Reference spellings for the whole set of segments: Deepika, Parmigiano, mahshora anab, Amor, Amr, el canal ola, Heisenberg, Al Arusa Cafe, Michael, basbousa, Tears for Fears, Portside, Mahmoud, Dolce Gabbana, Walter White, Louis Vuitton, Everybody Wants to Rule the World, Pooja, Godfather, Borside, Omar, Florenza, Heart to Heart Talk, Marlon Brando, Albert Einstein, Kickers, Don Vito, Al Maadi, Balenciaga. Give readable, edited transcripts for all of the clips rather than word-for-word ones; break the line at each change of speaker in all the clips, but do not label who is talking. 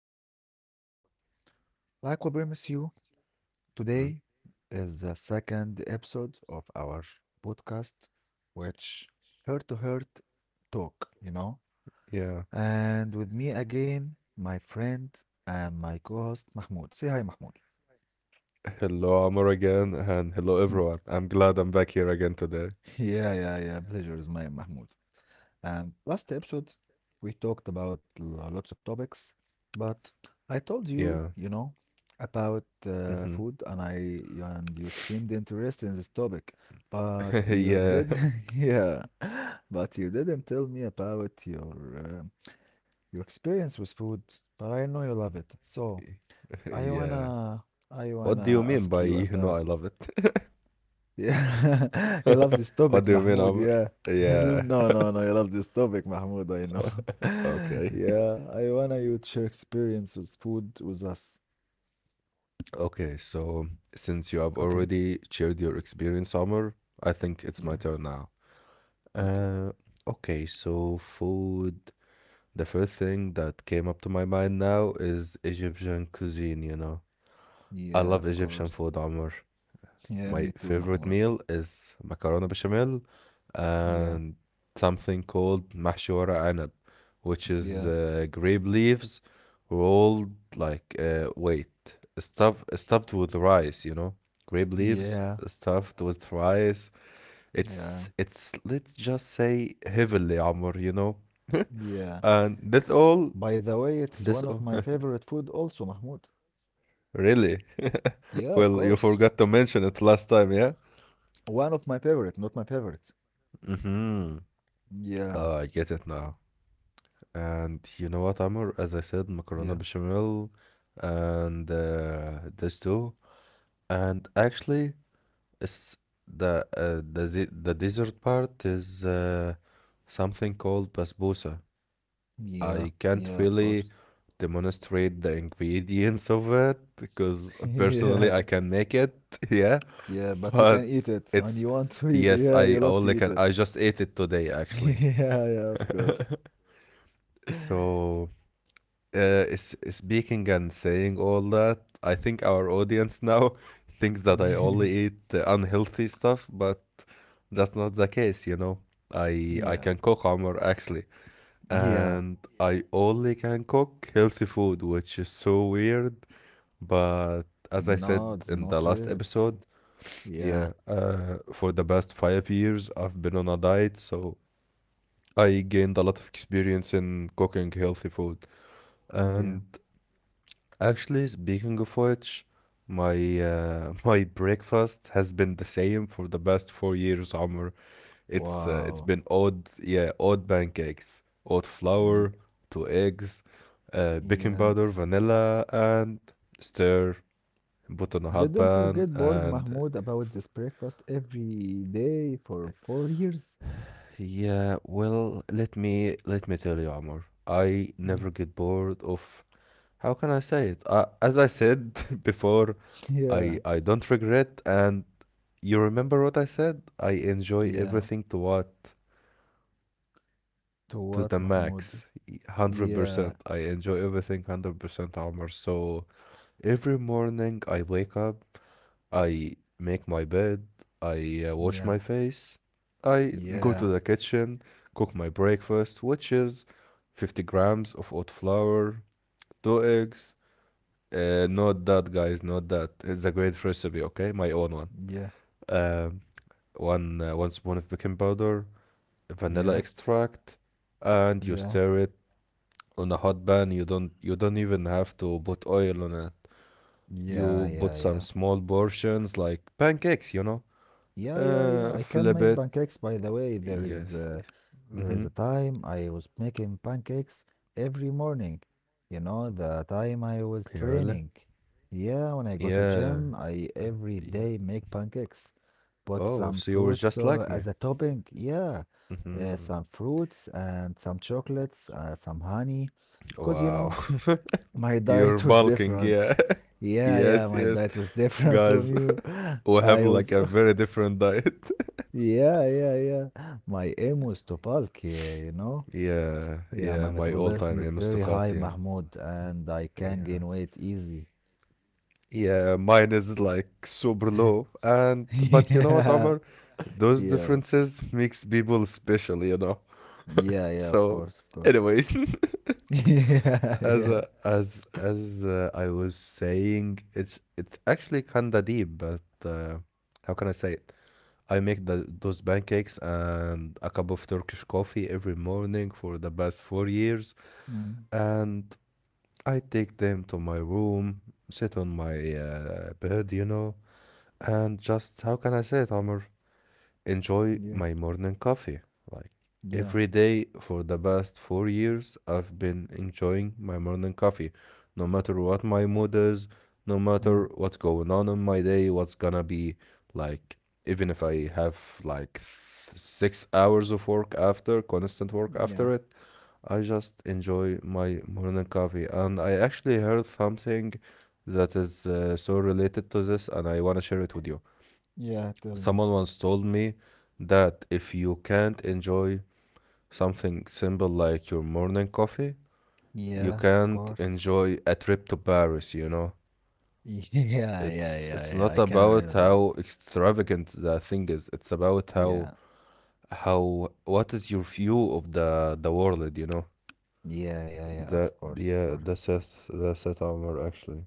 back to our podcast. Like we promised you, today is the second episode of our podcast, which Heart to Heart Talk, you know.
Yeah.
And with me again, my friend and my co host, Mahmoud. Say hi, Mahmoud.
Hello, Amor, again, and hello, everyone. I'm glad I'm back here again today.
Yeah, yeah, yeah. Pleasure is mine, Mahmoud. And last episode, we talked about lots of topics, but I told you,
Yeah.
you know, about
Hmm.
food, and I and you seemed interested in this topic, but you did,
yeah.
yeah, but you didn't tell me about your experience with food. But I know you love it, so I
yeah.
wanna I
What do
wanna
you
ask
mean by
you
you
about.
know I love it?
Yeah, he loves this topic,
What do you mean,
Mahmoud.
Amor?
Yeah.
Yeah.
No, no, no. He loves this topic, Mahmoud. I know.
Okay.
Yeah, I wanna you to share experience with food with us.
Okay, so since you have
Okay.
already shared your experience, Amor, I think it's my
Yeah.
turn now.
Okay.
Uh, okay, so food. The first thing that came up to my mind now is Egyptian cuisine, you know. I
Yeah, of
love Egyptian
course.
food, Omar.
Yeah,
My
me too,
favorite
Mahmoud.
meal is macaroni bechamel
Yeah.
and something called mahshora anab, which
Yeah.
is grape leaves rolled like wait, stuff stuffed with rice, you know? Grape leaves
Yeah.
stuffed with rice.
Yeah.
It's let's just say heavily, Omar, you know?
Yeah.
And that's all.
By the way, it's
That's
one of
all.
my favorite food also, Mahmoud.
Really?
Yeah, of
Well, you
course.
forgot to mention it last time, yeah?
One of my favorite, not my favorite.
Mm-hmm.
Yeah.
I get it now. And you know what, Amr? As I said,
Yeah.
macaroni bechamel and this too. And actually, it's the the dessert part is something called basbousa.
Yeah.
I can't
Yeah, of course.
really demonstrate the ingredients of it because personally I
Yeah.
can make it, yeah.
Yeah, but you
But
can eat it and
it's
you want to eat.
yes,
Yeah, you
I
love to
only
eat
can.
it.
I just ate it today actually.
Yeah, yeah, of course.
So. Is speaking and saying all that, I think our audience now thinks that I only eat unhealthy stuff, but that's not the case, you know. I
Yeah,
can cook hummer actually,
yeah.
and I only can cook healthy food, which is so weird. But as I said
No, it's
in the
not
last
weird.
episode, yeah,
Yeah,
for the past 5 years I've been on a diet, so I gained a lot of experience in cooking healthy food,
yeah.
and actually, speaking of which, my my breakfast has been the same for the past 4 years, Omar. It's
Wow.
been odd, yeah, odd pancakes, odd
Ye-
flour, two eggs, baking
Yeah.
powder, vanilla, and stir. Put on a hot
Didn't you
pan,
get bored,
and
Mahmoud, about this breakfast every day for 4 years?
yeah, well, let me tell you, Amor. I
Mm.
never get bored of how can I say it? As I said before, I
Yeah,
I don't regret and you remember what I said? I enjoy
yeah.
everything to what?
To
To the
what, Mahmoud?
max. 100%.
Yeah,
I enjoy everything 100% Omar. So every morning I wake up, I make my bed, I wash my
yeah,
face, I go to
yeah,
the kitchen, cook my breakfast, which is 50 grams of oat flour, two eggs. Not that, guys, not that. It's a great recipe, okay? My own one.
yeah,
Um, one spoon of baking powder, vanilla
yeah,
extract, and you
yeah,
stir it on a hot pan. You don't even have to put oil on it. You
yeah,
put some
yeah, yeah.
small portions like pancakes, you know.
Yeah, yeah, yeah. I
Flip
can
it.
make pancakes. By the way,
Yes.
there
Mm-hmm.
is a time I was making pancakes every morning. You know, the time I
Yeah,
was
really?
training. Yeah, when I go to
Yeah.
gym, I every
Yeah.
day make pancakes. Put
Oh, so
some
you were just
fruits
like me.
as a topping. Yeah,
Mm-hmm.
some fruits and some chocolates, some honey, because you
Wow.
know my
You're
diet was
bulking, yeah.
different. Yeah,
Yes,
yeah,
yes.
my diet was different
Guys,
from you.
we have
I
like a
was
very different diet.
yeah, yeah, yeah. My aim was to bulk, yeah, you know.
Yeah,
Yeah, my
yeah, my
metabolism is
all-time
very high,
Aristocrat, yeah.
Mahmoud, and I can gain
Yeah.
weight easy.
Yeah, mine is like super low and but you know what,
Yeah,
Amr? Those
yeah,
differences makes people special, you know.
yeah, yeah, of
So
course, of course.
anyways,
Yeah,
as uh,
yeah,
as as uh, I was saying, it's actually kinda deep, but how can I say it? I make the those pancakes and a cup of Turkish coffee every morning for the past 4 years,
mm,
and I take them to my room, sit on my bed, you know, and just how can I say it, Omar? Enjoy
yeah,
my morning coffee. Like
yeah,
every day for the past 4 years, I've been enjoying my morning coffee. No matter what my mood is, no
mm,
matter what's going on in my day, what's gonna be like, even if I have like 6 hours of work after, constant work after
yeah,
it, I just enjoy my morning coffee. And I actually heard something that is so related to this, and I wanna share it with you.
yeah, tell me.
Someone once told me that if you can't enjoy something simple like your morning coffee, you
Yeah, of
can't
course.
enjoy a trip to Paris, you know?
Yeah, yeah,
It's
yeah, yeah, I
not
can relate
about
on that.
how extravagant the thing is. It's about
Yeah,
how what is your view of the world, you know?
yeah, yeah, yeah,
That
of course, of
yeah, that's
course.
it. That's it, Omar, actually.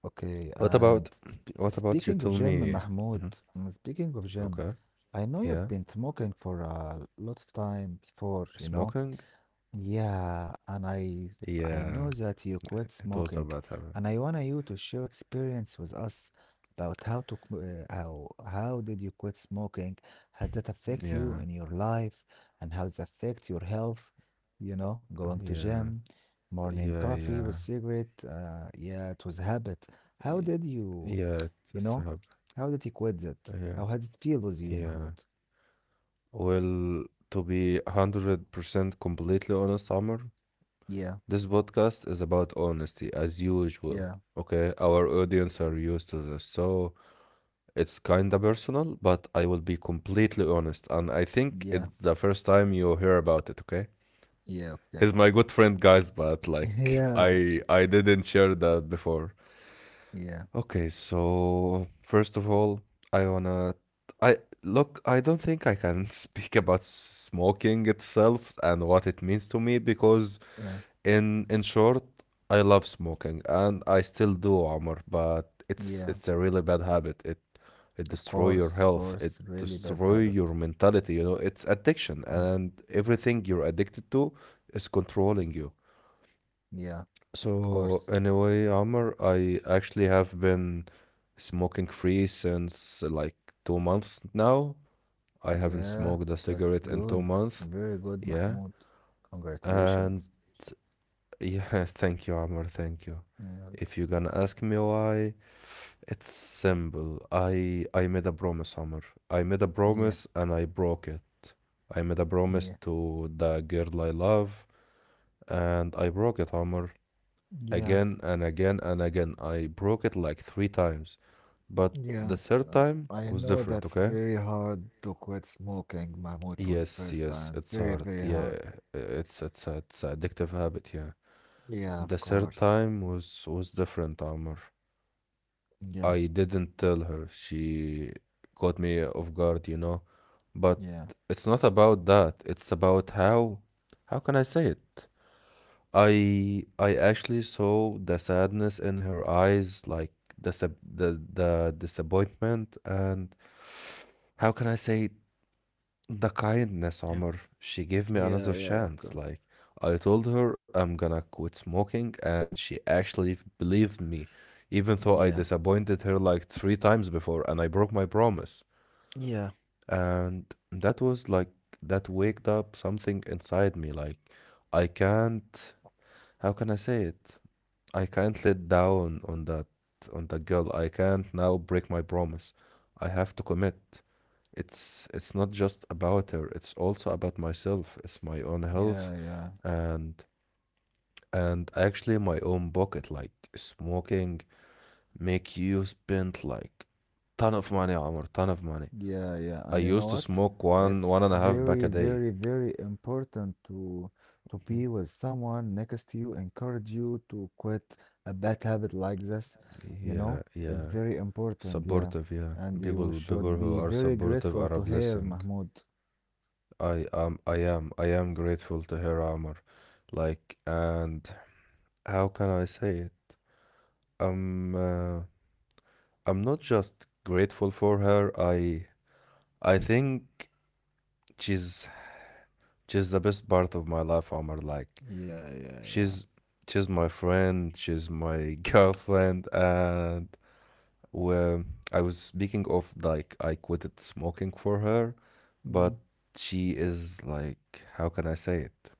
Okay,
What
and
about
sp
what about you
speaking of
tell
gym,
me?
Mahmoud,
Mhm.
mm, speaking of gym,
Okay.
I know you've been
Yeah.
smoking for a lot of time before, you know.
Smoking?
Yeah, and I know
Yeah.
that you quit
It
smoking,
was about habit.
and I want you to share experience with us about how did you quit smoking? How that affect you
Yeah,
in your life, and how it affect your health? You know, going to
yeah,
gym, morning
yeah,
coffee with
yeah,
cigarette. Yeah, it was habit. How did you,
yeah. It's
you
hub.
know, how did you quit that?
Yeah,
How had it feel with you,
yeah.
Mahmoud?
Well, to be 100% completely honest, Amr,
Yeah,
this podcast is about honesty as usual.
yeah,
Okay, our audience are used to this, so it's kinda personal, but I will be completely honest, and I think
yeah,
it's the first time you hear about it. Okay,
yeah. Okay.
he's my good friend, guys, but like
Yeah,
I didn't share that before.
yeah.
Okay, so first of all, I wanna I look, I don't think I can speak about smoking itself and what it means to me because
Yeah.
in short, I love smoking and I still do, Omar, but it's
Yeah,
a really bad habit. It
of
destroy your
course, of
health, it
course. Really bad
destroy
habit.
your mentality, you know, it's addiction
Mm,
and everything you're addicted to is controlling you.
yeah, of
So
course.
anyway, Omar, I actually have been smoking free since like 2 months now. I haven't
Yeah,
smoked a
that's
cigarette in two
good.
months.
Very good,
Yeah.
Mahmoud.
And
Congratulations.
yeah, thank you, Amr. Thank you.
Yeah,
If you're gonna ask me why, it's simple. I made a promise, Amr. I made a
yeah,
promise and I broke it. I made a promise
yeah,
to the girl I love and I broke it, Amr.
yeah,
Again and again and again. I broke it like 3 times. But the
yeah.
third
uh,
time
I
was
know
different,
that's
okay?
very hard to quit smoking, Mahmoud, from the
Yes,
first
yes,
time. It's
it's
very,
hard.
very
Yeah,
hard.
it's a addictive habit. Yeah,
Yeah,
the
of
third
course.
time was different, Amr. I
Yeah,
didn't tell her. She caught me off guard, you know. But
yeah,
it's not about that. It's about how can I say it? I actually saw the sadness in her eyes, like the the disappointment, and how can I say the kindness,
yeah,
Omar. She gave me
yeah,
another
yeah, of
chance.
course.
Like, I told her I'm gonna quit smoking, and she actually believed me, even though I
Yeah,
disappointed her like 3 times before and I broke my promise.
yeah,
And that was like, that waked up something inside me. Like, I can't, how can I say it? I can't let down on that girl. I can't now break my promise. I have to commit. It's not just about her, it's also about myself. It's my own health
yeah, yeah.
and and actually my own pocket. Like smoking make you spend like ton of money, Amr, ton of money.
Yeah, yeah,
I
and you
used
know
to
what?
smoke one one
It's
and a half pack a
very,
day.
very, very important to be with someone next to you, encourage you to quit a bad habit like this, you
Yeah,
know?
yeah.
It's very important, yeah.
Supportive, yeah.
And you
People
should
who
be
are
very
supportive
grateful
are a
to her,
blessing.
Mahmoud.
I am grateful to her armor. Like and how can I say it? I'm uh, I'm not just grateful for her. I think she's she's the best part of my life, Omar. Like
Yeah, yeah, yeah.
she's she's my friend, she's my girlfriend, and well, I was speaking of like I quitted smoking for her, but
Mm.
she is like how can I say it?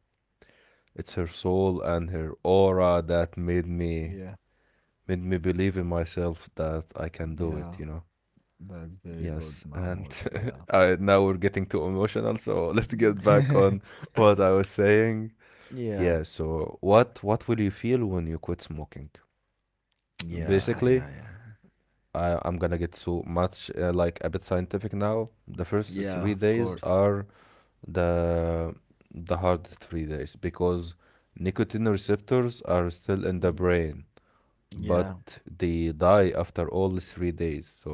It's her soul and her aura that
Yeah,
made me believe in myself that I can do it, you
yeah.
know.
That's very
Yes,
good,
and
Mahmoud. Yeah.
I, now we're getting too emotional, so let's
Mm.
get back on what I was saying.
Yeah,
Yeah, so what will you feel when you quit smoking?
yeah, yeah,
Basically,
yeah.
I, I'm gonna get so much like a bit scientific now. The first three
Yeah, of
days
course.
are the the hard 3 days because nicotine receptors are still in the
Mm,
brain,
yeah.
but they die after all 3 days. So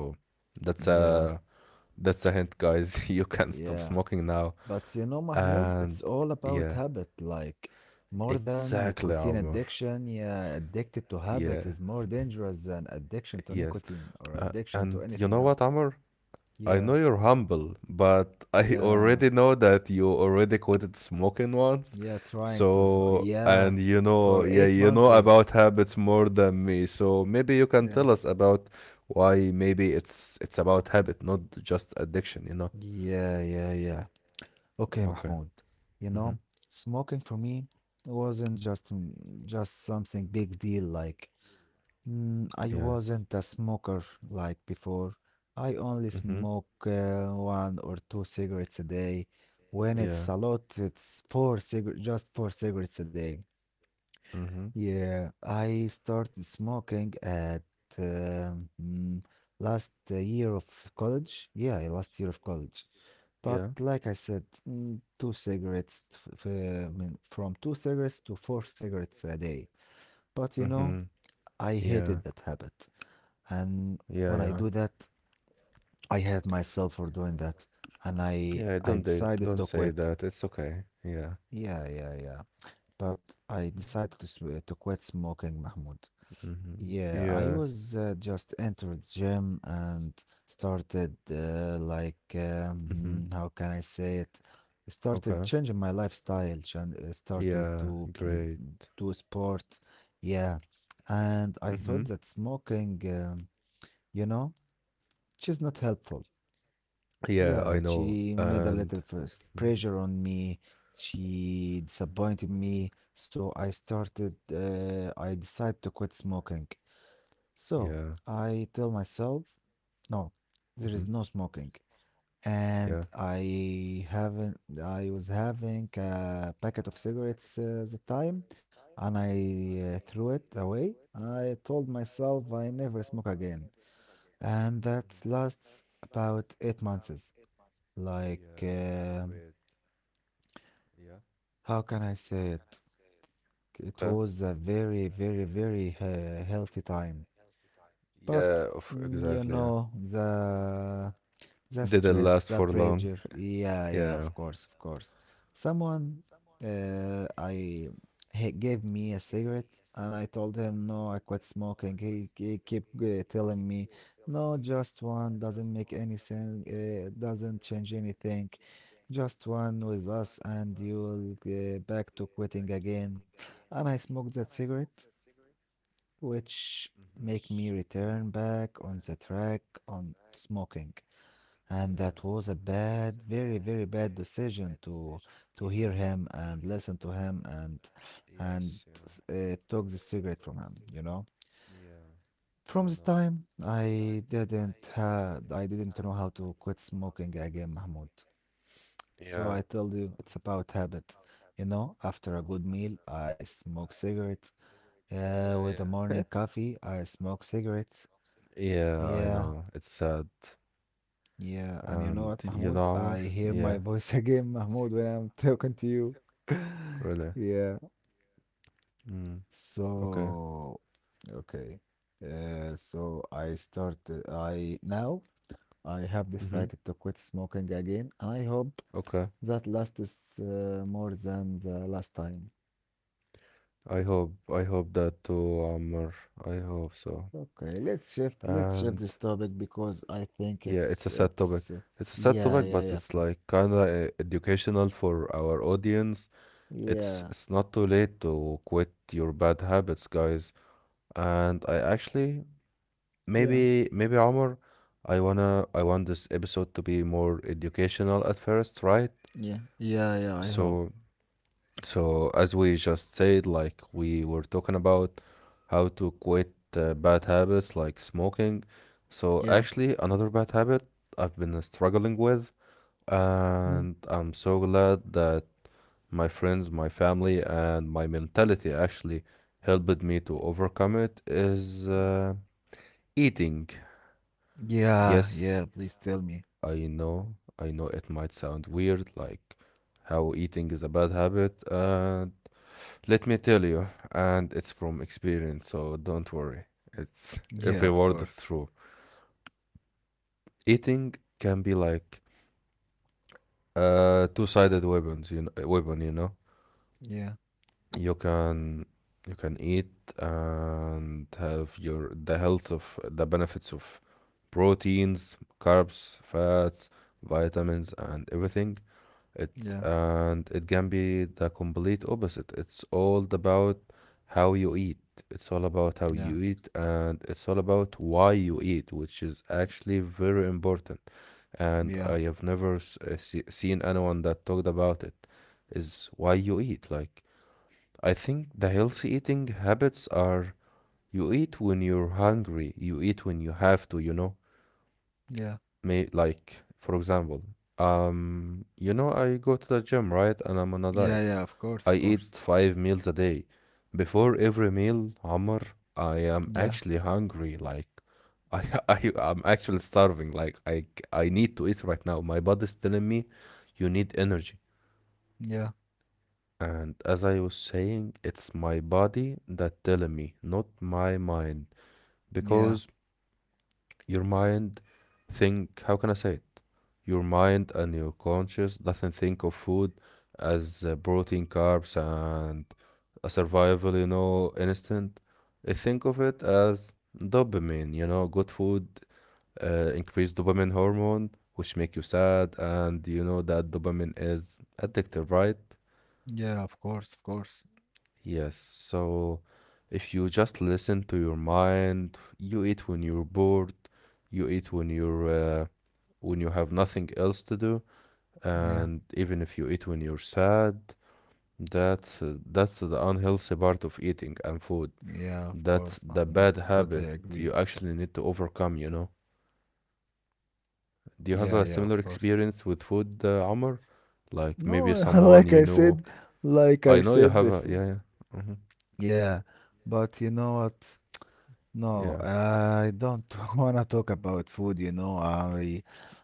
that's
Yeah,
a that's a hint, guys. You can stop
yeah.
smoking now.
But you know, Mahmoud,
And
it's all about
yeah,
habit. Like, more than
exactly,
nicotine
Amr.
addiction, yeah, addicted to
Yeah,
habit is more dangerous than addiction to
yes.
nicotine or addiction
And
to
you know
anything
what,
else.
Amr? I know
Yeah,
you're humble, but I
yeah,
already know that you already quit smoking once.
yeah. Trying to,
So, and
yeah,
you know,
for
yeah,
eight
you know
months
about
is,
habits more than me. So maybe you can
yeah,
tell us about why maybe it's about habit, not just addiction, you know?
yeah, yeah, yeah. Okay,
Okay.
Mahmoud, you know,
Mm-hmm.
smoking for me wasn't just something big deal. Like, mm, I
Yeah.
wasn't a smoker like before. I only
Mm-hmm.
smoke one or two cigarettes a day. When it's a
Yeah.
lot, it's four cigarettes, just four cigarettes a day.
Mm-hmm.
Yeah, I started smoking at mm, last year of college. Yeah, last year of college. But
Yeah.
like I said, mm, two cigarettes, from two cigarettes to four cigarettes a day. But you know,
Mm-hmm.
I
Yeah.
hated that habit and
Yeah,
when
yeah.
I do that I hate myself for doing that and i
Yeah,
i
don't they
decided
don't
to
say
quit,
that. It's okay. Yeah.
yeah, yeah, yeah, but I decided to, to quit smoking, Mahmoud.
Mm-hmm.
Yeah,
Yeah.
I was just entered gym and started
Mm-hmm.
how can I say it, started
Okay.
changing my lifestyle started
Yeah,
to
great.
do sports, yeah, and I
Mm-hmm.
thought that smoking you know, which is not helpful.
Yeah, I
Yeah,
know.
she made a
And
little first
mhm.
pressure on me. She disappointed me, so I started, I decided to quit smoking. So
Yeah.
I tell myself, no,
Mm-hmm.
there is no smoking. And
Yeah.
I haven't, I was having a packet of cigarettes the time, and I threw it away. I told myself I never smoke again. And
Mhm.
that lasts about 8 months. Like,
Yeah, great. Yeah.
how can I say it? It
Okay.
was a very, very, very healthy time.
Yeah,
But,
of
mm, you
exactly, yeah.
know, the
Didn't
stress,
last
the
for long.
pressure. Yeah, yeah,
Yeah.
of course, of course. Someone, I he gave me a cigarette, and I told him no, I quit smoking. He kept telling me, no, just one doesn't make any sense. Doesn't change anything. Just one with us, and you'll back to quitting again. And I smoked that cigarette, which
Hmm.
make me
Yeah.
return back on the track on smoking, and that was a bad, very, very bad decision to
Yeah.
hear him and
Yeah.
listen to him and
Yes. Yeah.
took the cigarette from him, you know.
Yeah. I
From this
know.
time I didn't know how to quit smoking again, Mahmoud. So
Yeah.
I told you it's about habit. You know, after a good meal I smoke cigarettes, yeah,
Yeah,
with the
yeah.
morning coffee I smoke cigarettes,
Yeah, I
yeah.
know. It's sad.
Yeah, and you know
And
what,
you know,
Mahmoud?
Amr?
I hear my
Yeah,
voice again, Mahmoud, when I'm talking to you.
really.
Yeah.
Mm, okay.
So, okay. So I started. I now I have
Mm-hmm.
decided to quit smoking again. I hope
Okay.
that last is more than the last time.
I hope that too, Amr. I hope so.
Okay, let's shift. Let's
And
shift this topic because I
yeah,
think
it's a
it's
sad topic.
it's.
It's a sad topic,
Yeah, yeah,
but
yeah, of
it's
course.
like kind of educational for our audience. It's
Yeah,
it's not too late to quit your bad habits, guys. And I actually
yeah,
maybe Omar, I wanna I want this episode to be more educational at first, right?
yeah, yeah, yeah. I hope.
So so as we just said, like we were talking about how to quit bad habits like smoking. So
Yeah.
actually another bad habit I've been struggling with, and I'm so glad that my friends, my family, and my mentality actually helped me to overcome it is eating.
Yeah,
Yes,
yeah, please tell me.
I know, I know it might sound weird, like how eating is a bad habit. And let me tell you, and it's from experience, so don't worry. It's every
Yeah, of
word is
course.
true. Eating can be like two-sided weapons, you know, weapon, you know.
Yeah,
You can you can eat and have your the health of the benefits of proteins, carbs, fats, vitamins, and everything. It
yeah,
and it can be the complete opposite. It's all about how you eat. It's all about how
yeah,
you eat, and it's all about why you eat, which is actually very important. And
yeah,
I have never seen anyone that talked about it. Is why you eat. Like I think the healthy eating habits are you eat when you're hungry, you eat when you have to.
yeah,
May like for example, I go to the gym, right? And I'm on a
yeah,
diet.
yeah, of course,
I
of
eat
course.
five meals a day. Before every meal, Amr, I am
Yeah,
actually hungry. Like, I, I'm actually starving. Like, I need to eat right now. My body's telling me, you need energy.
yeah,
And as I was saying, it's my body that telling me, not my mind, because
yeah,
your mind think, how can I say it? Your mind and your conscious doesn't think of food as protein, carbs, and a survival, you know, instant. It think of it as dopamine, you know, good food increase dopamine hormone, which make you sad, and you know that dopamine is addictive, right?
yeah, of course, of course.
Yes. So if you just listen to your mind, you eat when you're bored, you eat when you're when you have nothing else to do,
Yeah,
and even if you eat when you're sad, that's the unhealthy part of eating and food.
yeah, of
That's
course,
the bad
Mahmoud.
habit
Totally
you
agree.
actually need to overcome, you know. Do you have a
Yeah, yeah,
similar
of course.
experience with food, Amr, like
No,
maybe someone you know?
like
I
I
know you
said
have a,
before.
yeah, yeah.
Yeah, but you know what?
Yeah.
No, I don't wanna talk about food, you know. I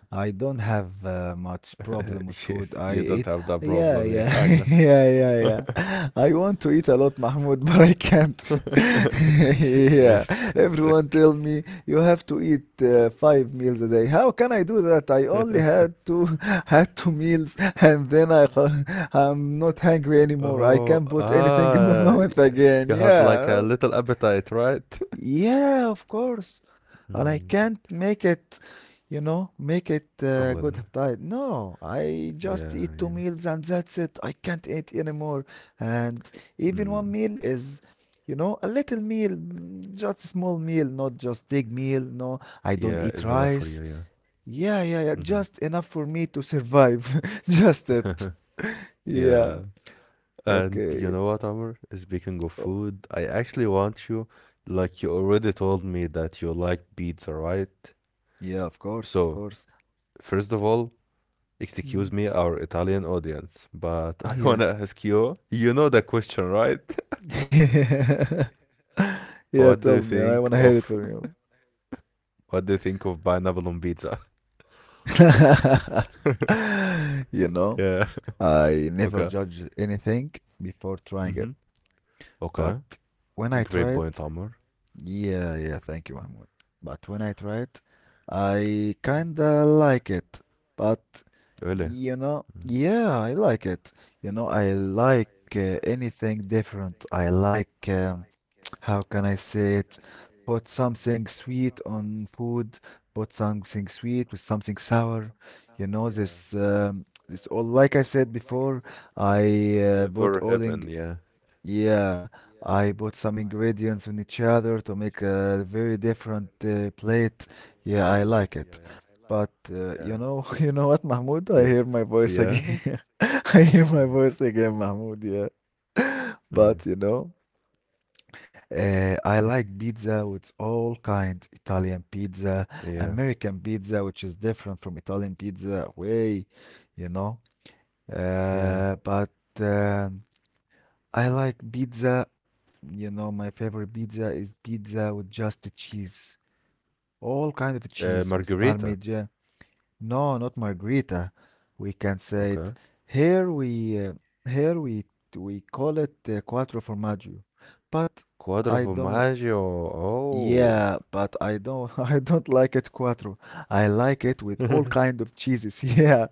I don't have much problem with
Yes,
food.
you
I
don't
eat,
have that
yeah,
problem, yeah,
yeah,
I know.
yeah, yeah, yeah. I want to eat a lot, Mahmoud, but I can't. Yeah,
Yes, it's a,
everyone tell me you have to eat five meals a day. How can I do that? I only had two, had two meals, and then I, I'm not hungry anymore. I
oh
can't put anything in my
ah,
mouth
yeah.
again.
You have like a
Yeah,
little appetite, right?
yeah, of course. And
Mm.
I can't make it, you know, make it
Well,
good diet. No, I
yeah,
just eat two
yeah.
meals and that's it. I can't eat anymore. And even one
Mm.
meal is, you know, a little meal, mm, just small meal, not just big meal. No, I
Yeah,
don't
it's
eat
enough for you,
rice.
yeah.
Yeah, yeah, yeah,
hmm
just enough for me to survive. Just it. Yeah.
Yeah. And
Okay.
you know what, Amr? Speaking of food, I actually want you, like you already told me that you like pizza, right?
Yeah, of
So,
course, of course.
first of all, excuse
Mm.
me, our Italian audience, but I
Yeah.
wanna ask you, you know the question, right?
Yeah,
What do you
tell me.
think
I wanna hear
of
it from you.
what do you think of pineapple on pizza?
You know,
Yeah.
I never
Okay.
judge anything before trying it.
Mm-hmm. Okay.
But when I try
Great
it,
point, Amr.
yeah, yeah, thank you, Mahmoud. But when I try it, I kinda like it. But
Really?
you know,
Mm.
yeah, I like it. You know, I like anything different. I like how can I say it? Put
Mm.
something sweet on food, put something sweet with something sour. You know,
Yeah,
this, this all, like I said before,
yeah.
I put
Flavor
all in,
heaven, yeah.
yeah, I bought some ingredients on each other to make a very different plate. Yeah, I
Yeah,
like
yeah,
it.
yeah. Like.
But
Yeah.
you know, you know what, Mahmoud? I
Yeah.
hear my voice
Yeah.
again. I hear my
Mhm.
voice again, Mahmoud. Yeah. But you know, I like pizza with all kinds Italian pizza,
Mm. Yeah.
American pizza, which is different from Italian pizza, way, you know.
Yeah.
But um I like pizza, you know, my favorite pizza is pizza with just the cheese, all kind of cheese with
Margarita.
Parmesan. No, not margherita. We can say it
Okay.
here. We here we call it quattro formaggio, but
Quadro
I don't
formaggio. Oh.
I don't I don't like it quattro. I like it with all kind of cheeses. Yeah,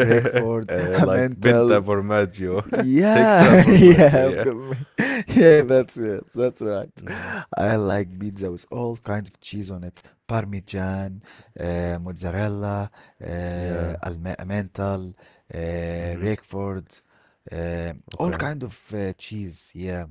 Roquefort,
Like Binta
Emmental.
formaggio. Hexa
Yeah, yeah,
formaggio,
of
yeah.
course. yeah. That's it. That's right.
Mm-hmm.
I like pizza with all kinds of cheese on it: Parmesan, mozzarella,
Yeah.
Emmental,
Mm-hmm.
Roquefort, all
Okay.
kind of cheese. Yeah,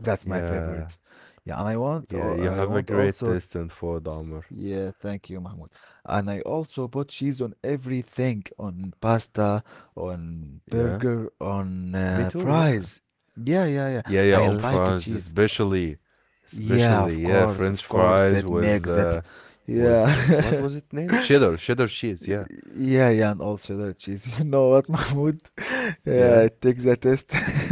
that's my
Yeah.
favorite. Yeah, and
Yeah, you
I
have a
want
great
also
taste in food, Omar.
yeah, thank you, Mahmoud. And I also put cheese on everything, on pasta, on
Yeah,
burger, on
me too. Yeah,
fries. Yeah, yeah, yeah.
yeah, yeah.
I
On
like
France,
cheese.
especially,
Yeah,
especially, yeah, French
of
fries
course, it
with,
makes it.
what was
Yeah,
it named? Cheddar, cheddar cheese. Yeah,
yeah, yeah, and also cheddar cheese. You know what, Mahmoud? Yeah,
yeah.
it takes a test.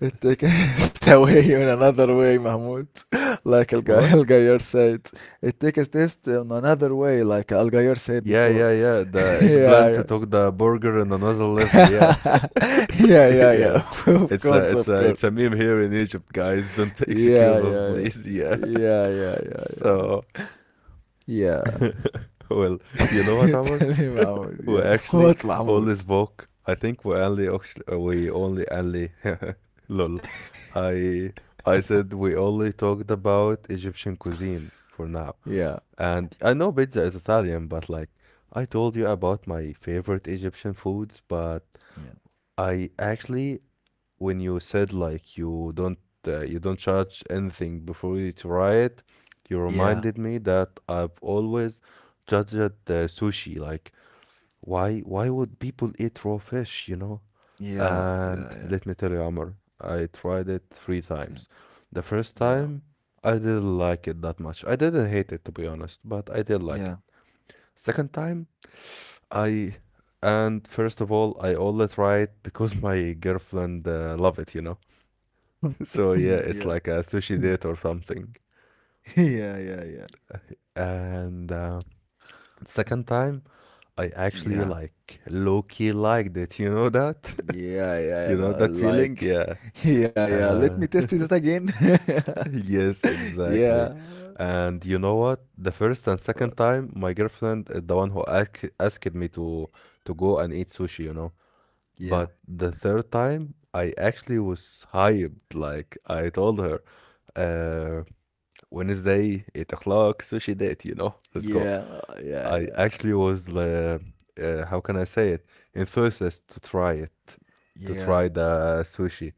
It takes a test away in another way, Mahmoud. Like Al
What?
Gayer said, it takes a test in another way, like Al Gayer said
Yeah,
before.
yeah, yeah. The
Yeah,
eggplant
yeah.
took the burger in another level. Yeah,
Yeah, yeah, yeah.
yes.
Of
It's a,
course,
it's
of
a, it's
course.
a meme here in Egypt, guys. Don't
Yeah,
excuse us,
yeah, yeah.
please. Yeah.
Yeah, yeah, yeah, yeah.
So, well, you know what,
Yeah.
Omar?
Tell me, Mahmoud. Yeah.
وأكشلي
What, Mahmoud?
always spoke, I think we only actually we only only lol. I I said we only talked about Egyptian cuisine for now,
Yeah.
and I know pizza is Italian, but like I told you about my favorite Egyptian foods. But
Yeah.
I actually, when you said like don't you don't judge anything before you try it, you reminded
Yeah.
me that I've always judged uh, sushi. Like why, would people eat raw fish, you know?
Yeah.
And
Yeah. Yeah.
let me tell you, Amr, I tried it three
Damn.
times. The first
Yeah.
time, I didn't like it that much. I didn't hate it, to be honest, but I did like
Yeah.
it. Second time, I, and first of all, I only try it because my girlfriend love it, you know. So yeah, it's
yeah.
like a sushi date
Mm.
or something.
Yeah. Yeah. Yeah.
And
Mm.
second time, I actually
Yeah.
like low key liked it. You know that?
Yeah, yeah,
You
yeah.
know
No, I
that feeling?
Like,
Yeah.
yeah, yeah. Let
Uh,
me test it again.
yes, exactly.
Yeah.
And you know what? The first and second
But
time, my girlfriend is the one who asked me to go and eat sushi, you know.
yeah.
But the third time, I actually was hyped. Like I told her, uh, Wednesday, 8 o'clock, sushi date. You know, let's go.
Yeah, yeah, yeah.
I
yeah.
actually was how can I say it? Enthusiastic to try it, to try
Yeah,
the sushi.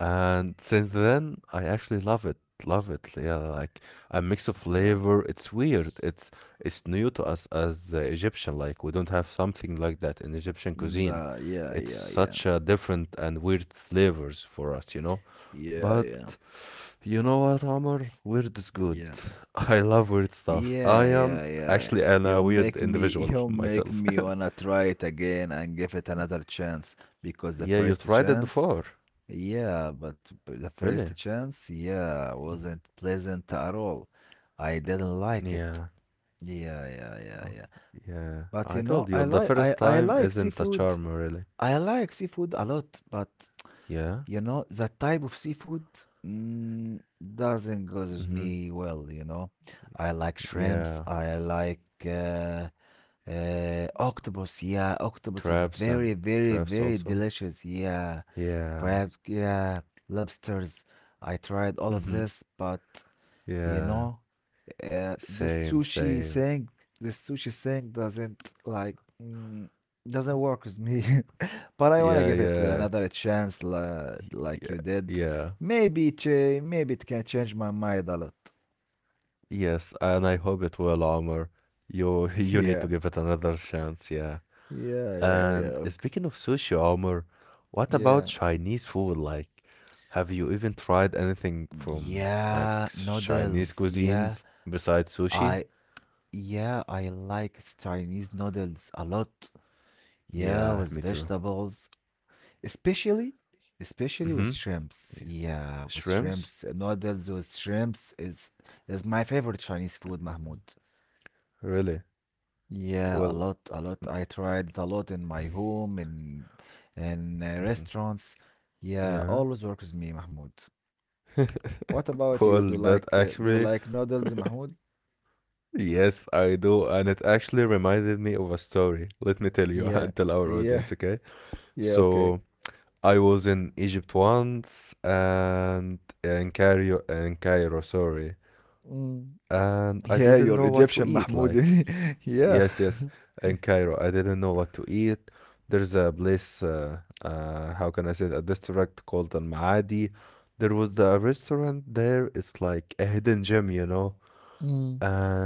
And since then, I actually love it. Love it. Yeah, like a mix of
yeah,
flavor. It's weird. It's new to us as Egyptian. Like we don't have something like that in Egyptian cuisine.
nah, yeah,
It's
yeah, yeah,
such a different and weird flavors for us, you know.
yeah, yeah,
But you know what, Omar? Weird is good.
yeah,
I love weird stuff. I
yeah,
am
yeah,
actually
yeah.
a
You'll
weird
make me,
individual
you'll make
myself.
me wanna try it again and give it another chance because the
Yeah, you
first
tried it
chance,
before,
yeah, the
really?
first chance, yeah, wasn't pleasant at all. I didn't like
Yeah.
it. Yeah, yeah,
Oh,
yeah, yeah.
yeah.
But
I
you
told
know,
you the first
I
time
like
isn't a
seafood.
charm, really.
I like seafood a lot, but.
Yeah.
You know, that type of seafood mm, doesn't goes with
Mm-hmm.
me well, you know. I like
Yeah.
shrimps, I like uh, octopus. Yeah, octopus is
Crabs
very,
and
very,
crabs
very
also.
delicious. Yeah,
Yeah.
crabs, yeah, lobsters. I tried all of
Mm-hmm.
this, but you
Yeah.
know, uh, the
Same,
sushi
same.
thing, the sushi thing doesn't like mm, doesn't work with me, but I wanna give
Yeah,
it
yeah.
another chance, like you
Yeah.
did.
Yeah.
Maybe it can change my mind a lot.
Yes, and I hope it will, Omar. You you
Yeah,
need to give it another chance, yeah.
yeah, yeah, yeah,
And
okay.
speaking of sushi armor, what about
yeah,
Chinese food? Like, have you even tried anything from like
yeah.
Chinese
Noodles, yeah.
cuisines besides
I
sushi?
yeah, I like Chinese noodles a lot. Yeah, with
Yeah, me too.
vegetables. especially especially with
Mm-hmm.
shrimps,
Yeah.
yeah, with shrimps
Shrimps?
noodles with shrimps is my favorite Chinese food, Mahmoud.
Really?
Yeah,
Well,
a lot. I tried a lot in my home, in
mhm,
restaurants. Yeah, always
yeah.
works with me, Mahmoud. What about you,
Well, that
do you
actually,
like noodles, Mahmoud?
yes, I do. And it actually reminded me of a story. Let me tell you
Yeah,
and tell our
yeah,
audience, okay?
yeah,
So,
okay.
I was in Egypt once and in Cairo, sorry.
Mm.
And I didn't
Yeah,
know what
you're
to eat.
Egyptian, Mahmoud.
Like, yes,
Yeah.
yes, in Cairo, I didn't know what to eat. There's a place, how can I say, it, a district called Al Maadi. There was the restaurant there. It's like a hidden gem, you know.
Mm.
And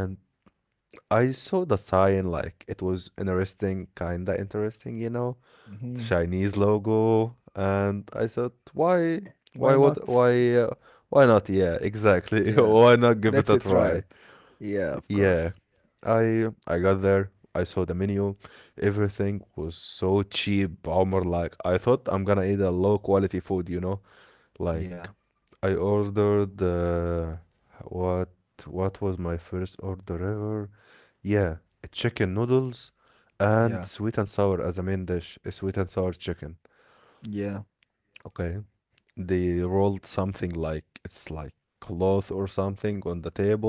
I saw the sign, like it was interesting, kinda interesting, you know.
Mhm.
Chinese logo, and I said, why, why
Why
would,
not?
why, uh, why not? Yeah, exactly.
Yeah.
Why not give it a
Let's
try?
try it. Yeah, of
Yeah,
course.
I got there. I saw the menu. Everything was so cheap. Omar, like I thought I'm gonna eat a low quality food. You know, like
Yeah.
I ordered what what was my first order ever? Yeah, chicken noodles and
Yeah.
sweet and sour as a main dish. A sweet and sour chicken.
Yeah.
Okay, they rolled something like it's like cloth or something on the table,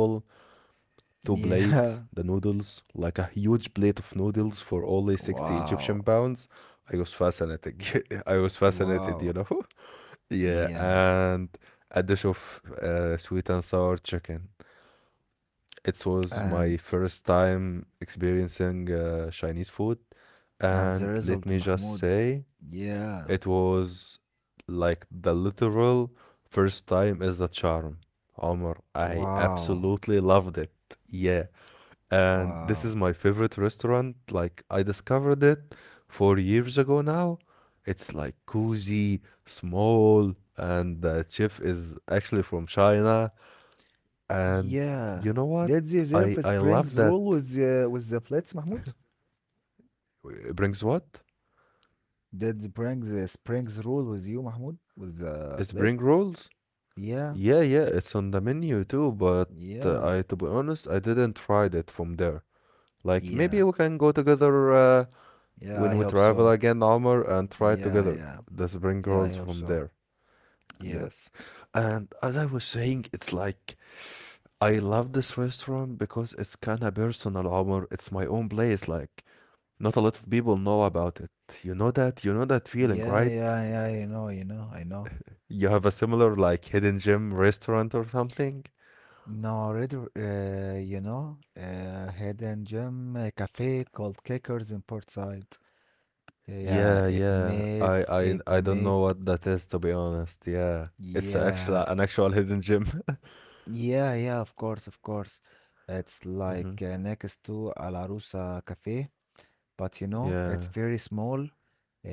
two plates, the
Yeah.
noodles, like a huge plate of noodles for only 60 Egyptian
Wow.
pounds. I was fascinated. I was fascinated, you
Wow.
know. Yeah,
Yeah.
and a dish of sweet and sour chicken. It was
And
my first time experiencing Chinese food,
and the
and let
result,
me just
Mahmoud.
say
Yeah.
it was like the literal first time as a charm. Omar, I absolutely
Wow.
loved it. Yeah. And this is
Wow.
my favorite restaurant. Like, I discovered it 4 years ago now. It's like cozy, small, and the chef is actually from China. And you know
Yeah.
what?
Did they
I
deserve a
love that.
Springs rule with the plates, Mahmoud?
It brings what?
Did they bring the Springs rule with you, Mahmoud? With the
It brings
plate?
rolls.
Yeah.
Yeah, yeah, it's on the menu too, but I, to
Yeah.
be honest, I didn't try it from there. Like, maybe we
Yeah.
can go together
Yeah,
when we
I hope
travel
so.
again, Omar, and try
Yeah,
together
yeah.
the spring
Yeah,
rolls
I hope
from
so.
there.
Yeah.
Yes. And as I was saying, it's like I love this restaurant because it's kind of personal, Omar. It's my own place. Like, not a lot of people know about it. You know that? You know that feeling,
Yeah,
right?
yeah, yeah, you know, I know.
You have a similar, like, hidden gem restaurant or something?
No, red, you know, hidden gem cafe called Kickers in Portside.
Yeah,
Yeah, it
yeah.
made,
I I
it
I don't know
made,
what that is, to be honest. Yeah. It's a actual
yeah,
an actual hidden gem.
yeah, yeah, of course, of course. It's
hmm
like next to Al Arusa Cafe, but you know,
Yeah.
it's very small.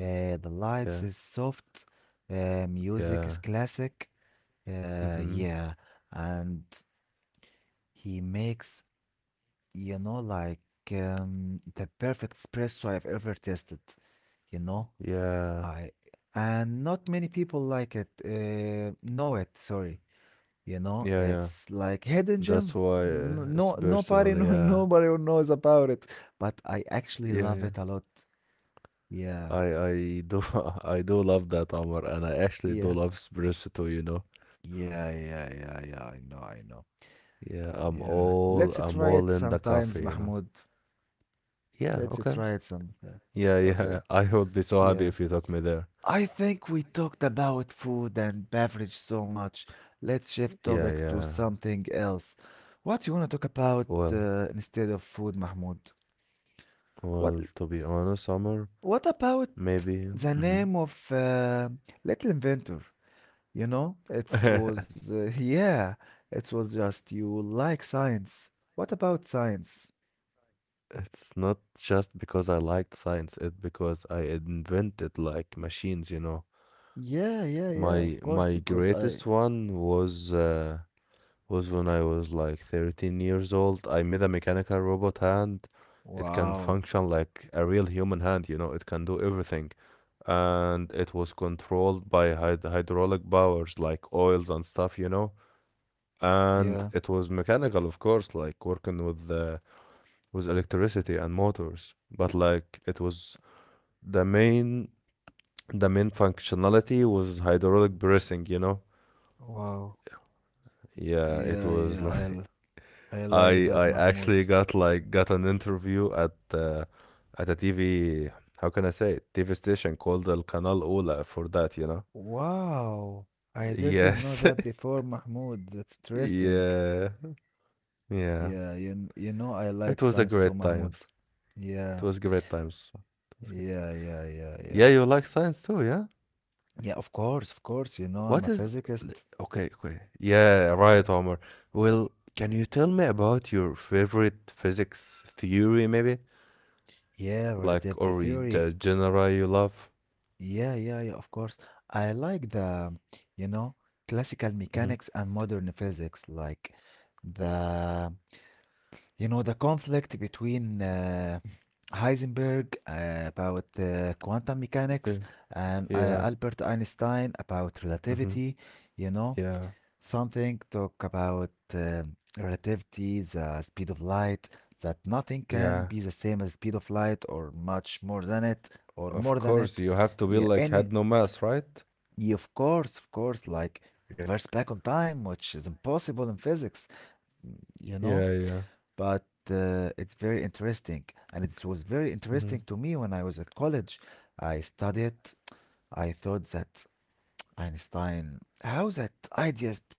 The
Yeah.
lights is soft. Music
Yeah.
is classic.
hmm
Yeah. And He makes, you know, like the perfect espresso I've ever tasted, you know?
Yeah.
I and not many people like it, know it, sorry. You know,
Yeah, yeah.
it's like hidden
That's
gem.
why it's
No,
personal.
nobody
Yeah.
know, nobody knows about it, but I actually
Yeah, yeah.
love it a lot.
I
Yeah.
I do I do love that Omar, and I actually do
Yeah.
love espresso, you know.
Yeah, yeah, yeah, yeah. I know, I know.
Yeah,
Yeah. Let's
I'm
try
all
it
in the
sometimes,
coffee, you know.
Mahmoud.
Yeah,
Let's
okay.
try it some. Yeah.
Yeah, yeah.
Okay.
I would be so happy if
Yeah.
you took me there.
I think we talked about food and beverage so much. Let's shift
Yeah,
topics to
yeah.
something else. What you want to talk
Well,
about instead of food, Mahmoud?
well,
What
to be honest, Summer,
What about
maybe
the
mhm.
name of Little Inventor? You know, it was yeah, it was just you like science. What about science?
It's not just because I liked science, it's because I invented like machines, you know.
Yeah, yeah, yeah.
My
Of
my
course, because
greatest
I.
one was when I was like 13 years old. I made a mechanical robot hand. It can function
Wow.
like a real human hand, you know. It can do everything. And it was controlled by hydraulic powers like oils and stuff, you know. And
Yeah.
it was mechanical, of course, like working with the with electricity and motors, but like it was the main the main functionality was hydraulic pressing, you know.
Wow.
Yeah, it
Yeah,
was
yeah. I
like
l- I
i
like
i
that,
actually
Mahmoud.
got an interview at a tv, how can I say it? TV station called El Canal Ola for that,
Wow, I didn't know
yes.
that before, Mahmoud. That's interesting.
Yeah. Yeah,
Yeah, you know I
it was a
like
great
science too,
times.
Mahmoud.
It was
Yeah,
great times. It was good.
yeah, yeah, yeah,
Yeah,
yeah.
you like science too, yeah.
Yeah, of course, of course. You know
What
I'm a
is
physicist.
okay, okay. Yeah, right, Omar. Well, can you tell me about your favorite physics theory, maybe?
Yeah,
Like, or
relativity
y- the
theory.
genre you love?
Yeah, yeah, yeah, of course. I like the, you know, classical
Mm-hmm.
mechanics and modern physics, like the You know, the conflict between Heisenberg about quantum
Yeah,
mechanics and
yeah,
Albert Einstein about
mm-hmm.
relativity, you know,
Yeah,
something talk about relativity, the speed of light, that nothing can
yeah.
be the same as speed of light or much more than it or
Of
more than
course,
it.
you have to be
Yeah,
like had
any,
no mass, right?
yeah, of course, like reverse back on time, which is impossible in physics, you
Yeah,
know,
yeah.
but it's very interesting, and it was very
Mm-hmm.
interesting to me when I was at college. I studied, I thought that Einstein, how that ideas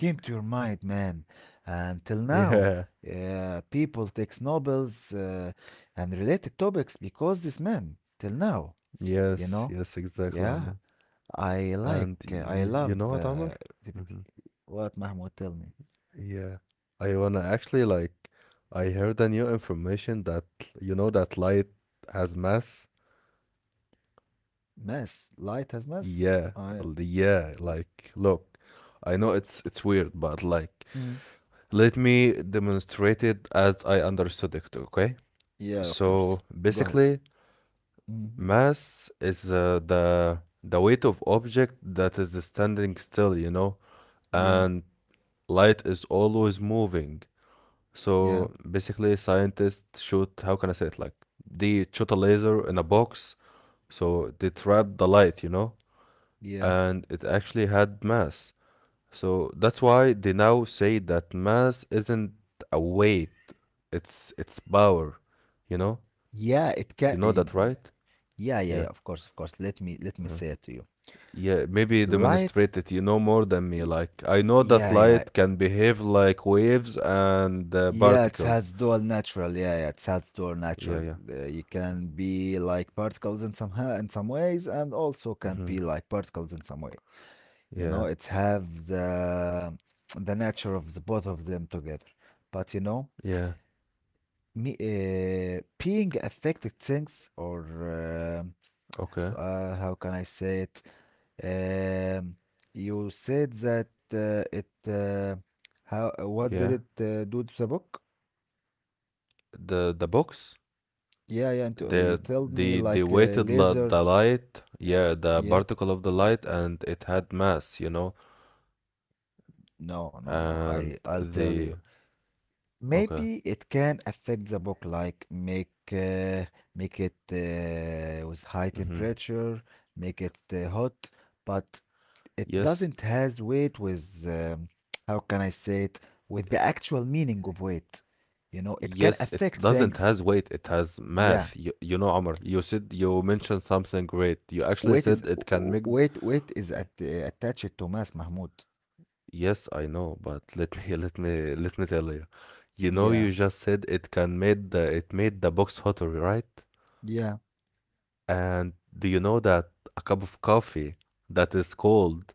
came to your mind, man? Until
Yeah.
now, people takes Nobels and related topics because this man till now, you
Yes,
know.
yes, exactly, Omar.
Yeah,
And
I
y you
love
know what, Omar? Mm-hmm.
what, Mahmoud, tell me.
Yeah, I wanna actually like I heard a new information that you know that light has mass.
Mass. Light has mass.
Yeah,
I
l- yeah, like look, I know it's weird, but like
Mm.
let me demonstrate it as I understood it, okay?
Yeah, of
So
course. Go ahead.
basically,
Mhm.
mass is the weight of object that is standing still, you know,
Yeah,
and light is always moving. So
yeah,
basically, scientists shoot, how can I say it? Like, they shot a laser in a box, so they trapped the light, you know,
yeah,
and it actually had mass. So that's why they now say that mass isn't a weight, it's power, you know?
yeah. It
You
can.
know that, right?
Yeah,
Yeah.
yeah, yeah. Of course, of course. Let me
Uh-huh.
say it to you.
Yeah, maybe
Light.
demonstrate it. You know more than me. Like, I know that
Yeah, yeah,
light can behave like waves and
yeah. It
particles.
has dual natural. Yeah, yeah. It has dual
Yeah,
natural.
yeah.
You can be like particles in in some ways, and also can
Hmm.
be like particles in some way. You
Yeah,
know, it's have the nature of the both of them together. But you know,
yeah.
me being affected things or.
Okay.
So, how can I say it? Um, you said that it. How? What
Yeah,
did it do to the book?
the box,
Yeah, yeah. And, you told
the
me
they
like
weighted la the
laser.
light, yeah, the
Yeah.
particle of the light, and it had mass, you know,
No, no, no.
and
I'll tell
the
you.
okay,
Maybe it can affect the book, like make make it with high
mm-hmm.
temperature, make it hot. But it
Yes,
doesn't has weight with how can I say it, with the actual meaning of weight. You know, it
yes,
can
it
affect
doesn't has
things.
weight, it has math.
Yeah,
You know, Amr, you said you mentioned something great. You actually
weight
said
is
it can make.
w-
D-
weight is at, attached to mass, Mahmoud.
Yes, I know, but let me let me tell you. You know, you
Yeah,
just said it can made the it made the box hotter, right?
yeah,
And do you know that a cup of coffee that is cold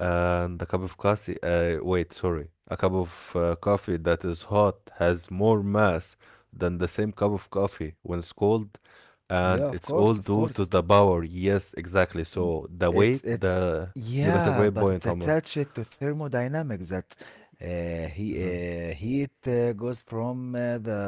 and a cup of coffee, wait, sorry, a cup of coffee that is hot has more mass than the same cup of coffee when it's cold, and
yeah. Of
it's all
course, of
due to
course.
the power. Yes, exactly.
N-
So the weight,
It's
the you got a great
yeah, but
point,
it's
Omar.
attached to thermodynamics that he
Hmm.
heat goes from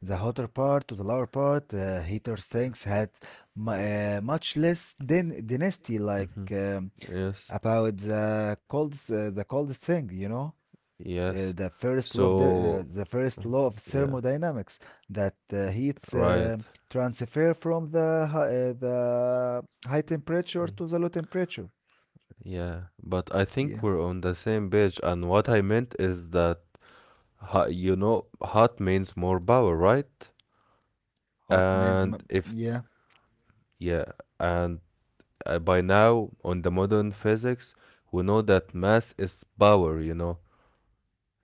the hotter part to the lower part. Heater tanks had mu much less density, like
Hmm. Yes,
about the the cold thing, you know.
yes. So
The first law of
yeah,
thermodynamics that
y-
heat
right.
transfer from the the high temperature
Mm-hmm.
to the low temperature.
Yeah, but I think
Yeah,
we're on the same page. And what I meant is that, ho- you know, hot means more power, right?
hot means
And if,
yeah.
yeah, and by now on the modern physics, we know that mass is power, you know.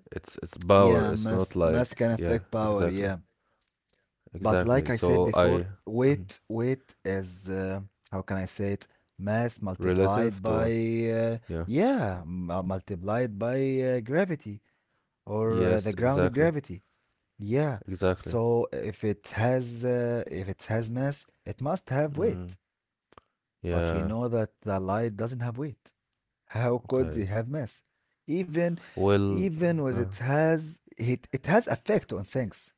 It's power.
Yeah,
It's not like,
mass can
yeah,
affect
exactly.
power. Yeah, but
Exactly.
like I
So
said
I
before,
mhm.
weight is how can I say it? Mass
Relative
multiplied
to it.
by uh,
Yeah.
multiplied by gravity or
Yes,
the grounded
exactly.
gravity. Yeah,
Exactly.
so if it has mass, it must have weight.
Mm,
But we
yeah.
know that the light doesn't have weight. How could
Okay.
it have mass? Even
Well,
Even with
uh,
it has it, it has effect on things.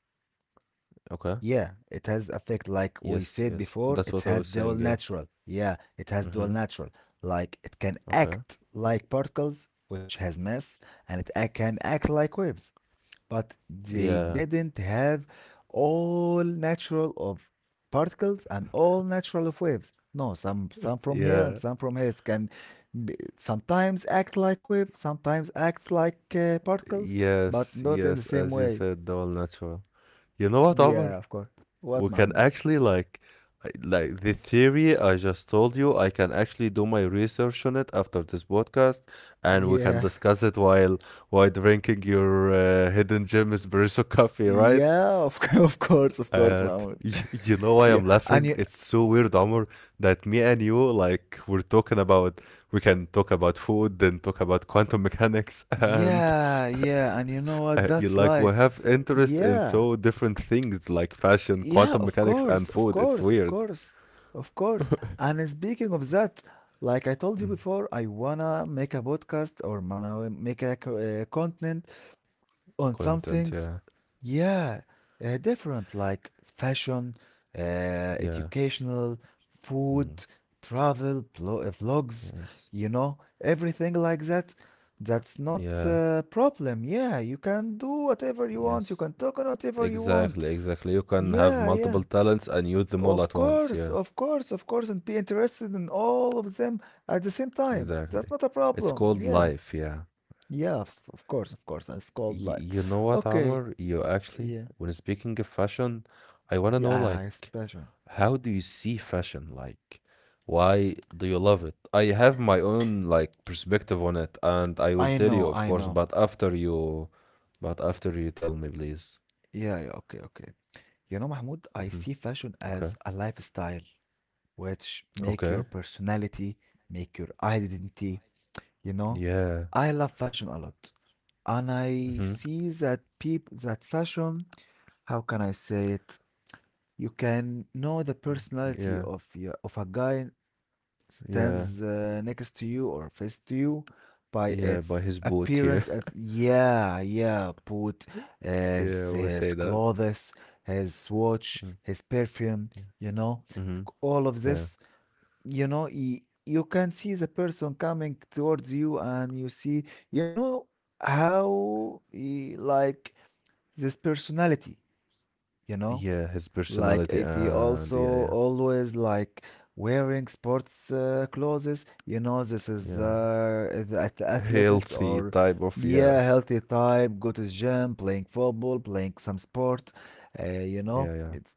okay.
Yeah, it has effect like we
Yes,
said
yes.
before,
That's
it
what I
has
was
dual
saying, yeah.
natural. Yeah, it has dual
Mm-hmm.
natural. Like it can
Okay.
act like particles, which has mass, and it can act like waves. But they
Yeah.
didn't have all natural of particles and all natural of waves. No, some from here and
Yeah.
some from here. It can be, sometimes act like waves, sometimes acts like particles, but
Yes,
not in the
yes,
same
as you
way.
said, the all natural. You know what, Amr?
Yeah, of course.
We
What,
can
Mahmoud?
actually like I- like the theory I just told you, I can actually do my research on it after this podcast and we can
Yeah.
discuss it while drinking your hidden gem espresso coffee, right?
Yeah, of of course,
And y-
Mahmoud.
you know why I'm
Yeah.
laughing?
And you
It's so weird, Amr, that me and you, like, we're talking about, we can talk about food, then talk about quantum mechanics, and
yeah, yeah, and you know what?
you,
That's
like, we
life.
have interest in so
Yeah.
different things, like fashion, quantum
Yeah, of
mechanics, and
course,
food.
of
It's
course, of
weird.
course. Of course. And speaking of that, like I told you
Mm.
before, I wanna make a podcast or wanna make a content on some
Content, yeah.
things, yeah, different like fashion,
Yeah.
educational,
Mm,
food, travel, vlogs,
yes.
you know, everything like that. That's not
Yeah.
a problem. Yeah, you can do whatever you
Yes.
want. You can talk on whatever you
Exactly,
want.
exactly. You can have
Yeah,
multiple
yeah.
talents and use them all at
Of
once.
course,
Yeah.
of course, of course, and be interested in all of them at the same time. That's
Exactly.
not a
It's
problem.
called
Yeah,
life, yeah.
yeah, of course, of course. That's called
Y-
life.
you know what, Amr?
Okay,
You actually,
yeah.
when speaking of fashion, I want to know like
Yeah, it's fashion.
how do you see fashion? Like, why do you love it? I have my own like perspective on it, and I will
I
tell you,
know,
of
I
course,
know.
but after you tell me, please.
Yeah, yeah, okay, okay. You know, Mahmoud, I
Hmm.
see fashion
Okay.
as a lifestyle, which make your
Okay.
personality, make your identity, you know?
Yeah.
I love fashion a lot. And I
Mm-hmm.
see that people that fashion, how can I say it? You can know the personality
Yeah.
of a guy
Yeah.
stands next to you or face to you by
Yeah. By
its
his boot, here.
appearance at, yeah, yeah, put
Yeah,
his,
we say
his
that.
clothes, his
Mm.
watch, his perfume,
Yeah.
you know
Mm-hmm.
all of
Yeah.
this you know y- you can see the person coming towards you and you see, you know how he, like, this personality you know
Yeah, his
like
personality,
if he
and
also
yeah, yeah,
always, like, wearing sports clothes, this is
yeah.
the athletics,
Healthy
or,
type of yeah,
yeah, healthy type, go to gym, playing football, playing some sport,
yeah, yeah.
it's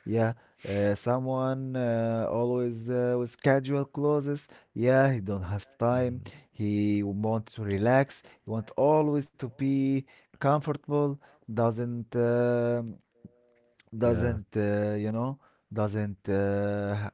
yeah. Someone always with casual clothes. Yeah, he don't have time.
Mhm.
He want to relax. He want always to be comfortable. Doesn't uh,
Yeah,
doesn't you know doesn't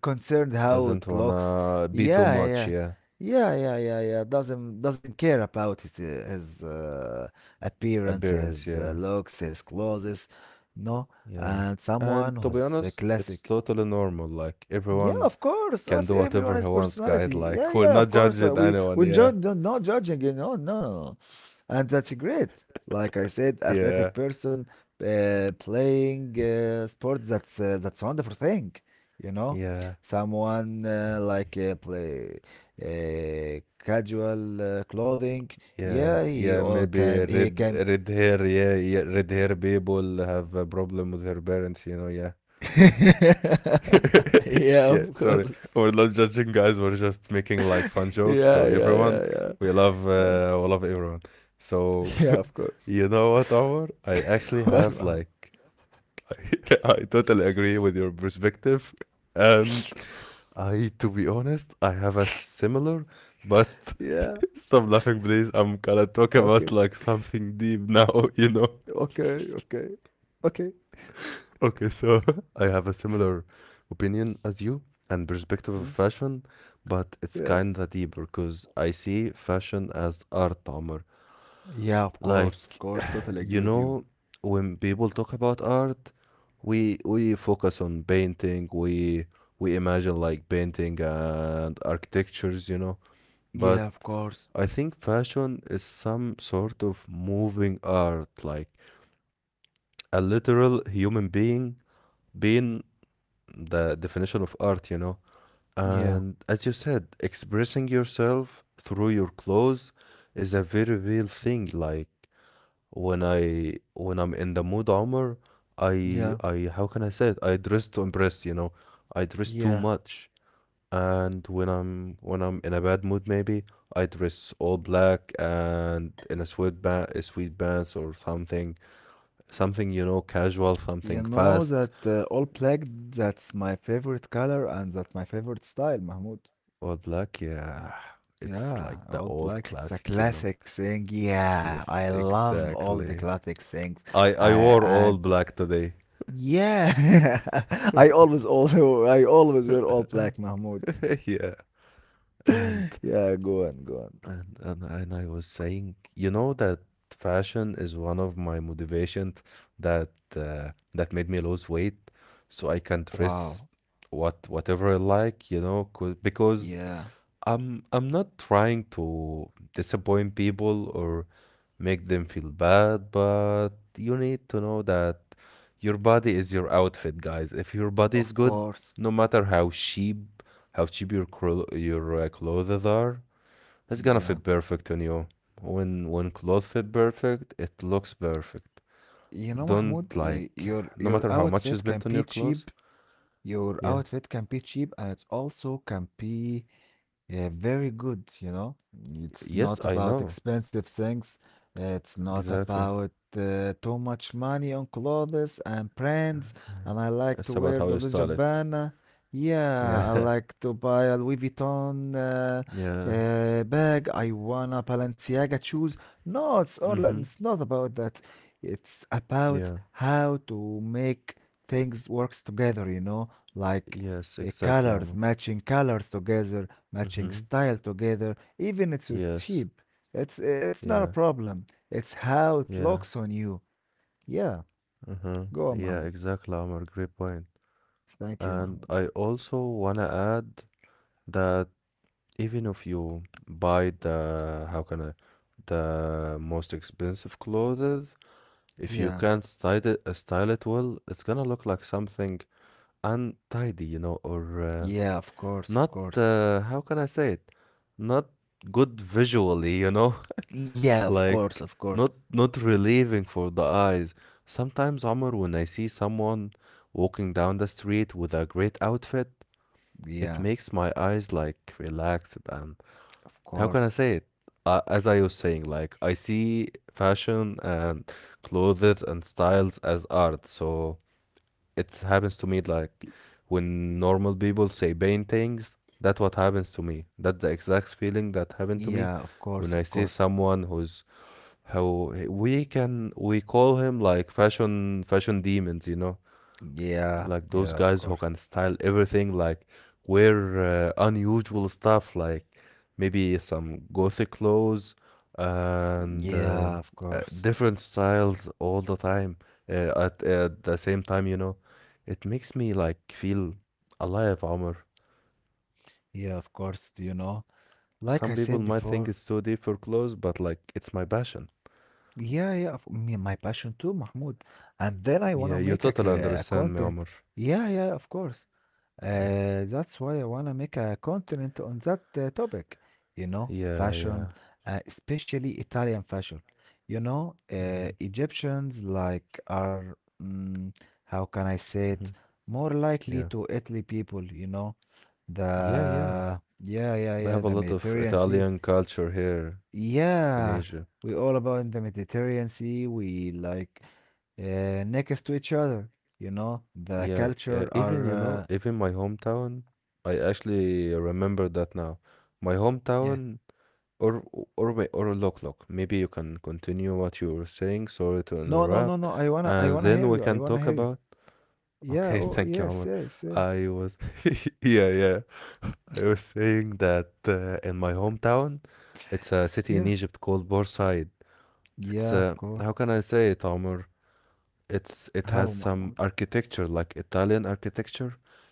concerned how
doesn't
it looks.
wanna be too
Yeah,
much,
yeah,
yeah.
yeah, yeah, yeah, yeah. Doesn't care about his his appearance,
Appearance,
his
yeah,
looks, his clothes. No.
yeah.
And
And
someone
to be
who's a
honest, it's
classic,
totally normal. Like
yeah,
everyone
of course.
can
Of
do
everyone
whatever he
has
wants, guys.
personality.
Like
Yeah,
we're
yeah, of
not
course.
judging
We
anyone,
we
yeah,
judge, no, not judging. No, no, no, and that's great. Like I said,
yeah,
athletic person playing sports. That's a wonderful thing. You know,
yeah.
someone like play casual clothing.
Yeah,
Yeah, he
yeah,
all
maybe
can, he
red
can.
red hair, yeah, yeah, red hair people have a problem with their parents, you know, yeah.
Yeah,
Yeah,
of
sorry.
course.
We're not judging, guys. We're just making like fun jokes to
Yeah, yeah,
everyone.
yeah, yeah, yeah.
We love everyone. So,
Yeah, of course.
you know what, Omar? I actually have
واسمعه.
like, I totally agree with your perspective. And I, to be honest, I have a similar, but
Yeah,
stop laughing, please. I'm gonna talk
okay,
about like something deep now, you know?
okay, okay, okay,
Okay, so I have a similar opinion as you and perspective of
then.
fashion, but it's
Yeah,
kinda deeper because I see fashion as art, Amr.
yeah, of course,
Like,
of course, totally
you
agree with
know,
you.
when people talk about art, we focus on painting, we imagine like painting and architectures, you know. But
Yeah, of course.
I think fashion is some sort of moving art, like a literal human being being the definition of art, you know.
Yeah,
And as you said, expressing yourself through your clothes is a very real thing. Like when I'm in the mood, armor,
yeah,
I how can I say it? I dress to impress, you know. I dress too
yeah,
much. And when I'm in a bad mood, maybe I dress all black and in a sweatband, a sweatpants or something, something you know, casual,
you
something
know
fast,
that all black, that's my favorite color, and that's my favorite style, Mahmoud.
Old Black, yeah,
Yeah,
it's like
all
the
black,
old
it's a
classic, you
classic
know.
thing. Yeah, I
Yes,
love all the
exactly.
classic things.
I
I
wore
I.
all black today.
Yeah. I always all I always wear all black, Mahmoud.
Yeah. And,
Yeah, go on, go on.
and I was saying, you know that fashion is one of my motivations that that made me lose weight, so I can dress
Wow.
what whatever I like, you know, 'cause- because
Yeah,
I'm not trying to disappoint people or make them feel bad, but you need to know that your body is your outfit, guys. If your body is
of
good,
course.
no matter how cheap your your clothes are, it's gonna
Yeah.
fit perfect on you. When clothes fit perfect, it looks perfect.
You know,
Don't
Mahmoud,
like
your
no matter
your
how much you
outfit
spent
can
on your
be
clothes.
cheap. Your
Yeah.
outfit can be cheap, and it also can be, yeah, very good. It's
Yes,
not
I
about
know.
expensive things. It's not
Exactly.
about too much money on clothes and brands.
Yeah.
And I like
It's
to
about how
wear
you
the Le
style it.
Gabbana. Yeah, I
Yeah.
like to buy a Louis Vuitton
Yeah.
bag. I want a Balenciaga shoes. No, it's all.
Mm-hmm.
It's not about that. It's
Yeah.
about how to make things works together. You know, like,
Yes, exactly.
colors matching, colors together, matching
Mm-hmm.
style together, even if it's
Yes.
cheap. It's not a
Yeah.
problem. It's how it
Yeah.
looks on you. Yeah,
Uh-huh.
go
Yeah,
on, Mahmoud.
exactly, Omar. Great point.
Thank you,
And
Mahmoud.
I also wanna add that even if you buy the how can I the most expensive clothes, if you
Yeah,
can't style it well, it's gonna look like something untidy, you know, or
yeah, of course, of
not
course.
how can I say it? Not good visually, you know.
Yeah, of course,
Like
of course.
not not relieving for the eyes. Sometimes, Omar, when I see someone walking down the street with a great outfit, it
Yeah,
makes my eyes like relaxed and
of
how can I
course.
say it? As I was saying, like I see fashion and clothes and styles as art, so it happens to me like when normal people say paintings, that's what happens to me. That's the exact feeling that happened to me
Yeah, of course,
when I
of
see
course.
someone who's how we can we call him like fashion demons, you know,
Yeah,
like those
yeah,
guys
of
who
course.
can style everything, like wear unusual stuff, like maybe some gothic clothes and
Yeah, of course.
different styles all the time at the same time, you know, it makes me like feel alive, Omar.
Yeah, of course. Do you know? Like
Some
I
people
said
might think
before,
it's too deep for clothes, but like it's my passion.
yeah, yeah, of me, my passion too, Mahmoud. And then I
Yeah,
wanna
you
make a,
totally
cre- a
understand me, Omar.
content. Yeah, yeah, of course.
Yeah.
That's why I wanna make a content on that topic. You know,
Yeah, yeah.
fashion, especially Italian fashion. You know,
Hmm.
Egyptians like are, mm, how can I say
Hmm.
it, more likely
Yeah.
to Italy people. You know,
Yeah, yeah.
the yeah, yeah,
We
yeah,
have a
the
lot of
Mediterranean Sea.
Italian culture here in
Yeah,
Asia.
we all about in the Mediterranean Sea. We like, next to each other. The
Yeah,
culture
even you
are,
know, even my hometown, I actually remember that now. My
yeah.
hometown or or may- or Loklok. Maybe you can continue what you were saying. Sorry to
No, no, no,
interrupt.
no. I wanna, I
And
wanna hear
then
you.
we
I
can
wanna
talk
hear you.
about.
Yeah.
Okay,
Oh,
thank you,
yeah.
Omar.
Say, say.
I was. Yeah, yeah. I was saying that in my hometown, it's a city in
Yeah.
Egypt called Borside. It's
Yeah, of
a,
course.
how can I say it, Omar? It's it has
Hello,
some
Mahmoud.
architecture like Italian architecture.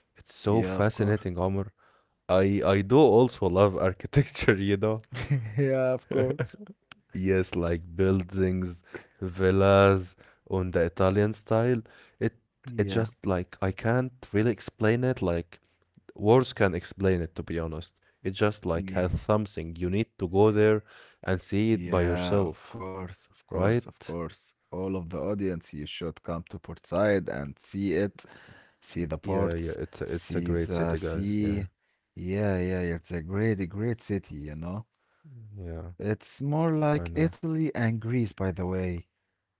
It's so
Yeah, of course.
fascinating, Omar. I do also love architecture, you know.
Yeah, of course.
Yes, like buildings, villas on the Italian style. It it
Yeah.
just like I can't really explain it like Words can explain it, to be honest. It's just like
Yeah.
has something. You need to go there and see it by
Yeah, of
yourself,
course, of course, of
right?
course. All of the audience, you should come to Port Said and see it, see the
Yeah, yeah.
ports,
It's a
see
great city,
the
guys. Yeah,
sea. Yeah, yeah, yeah, it's a great, great city.
yeah.
It's more
I
like
know.
Italy and Greece, by the way.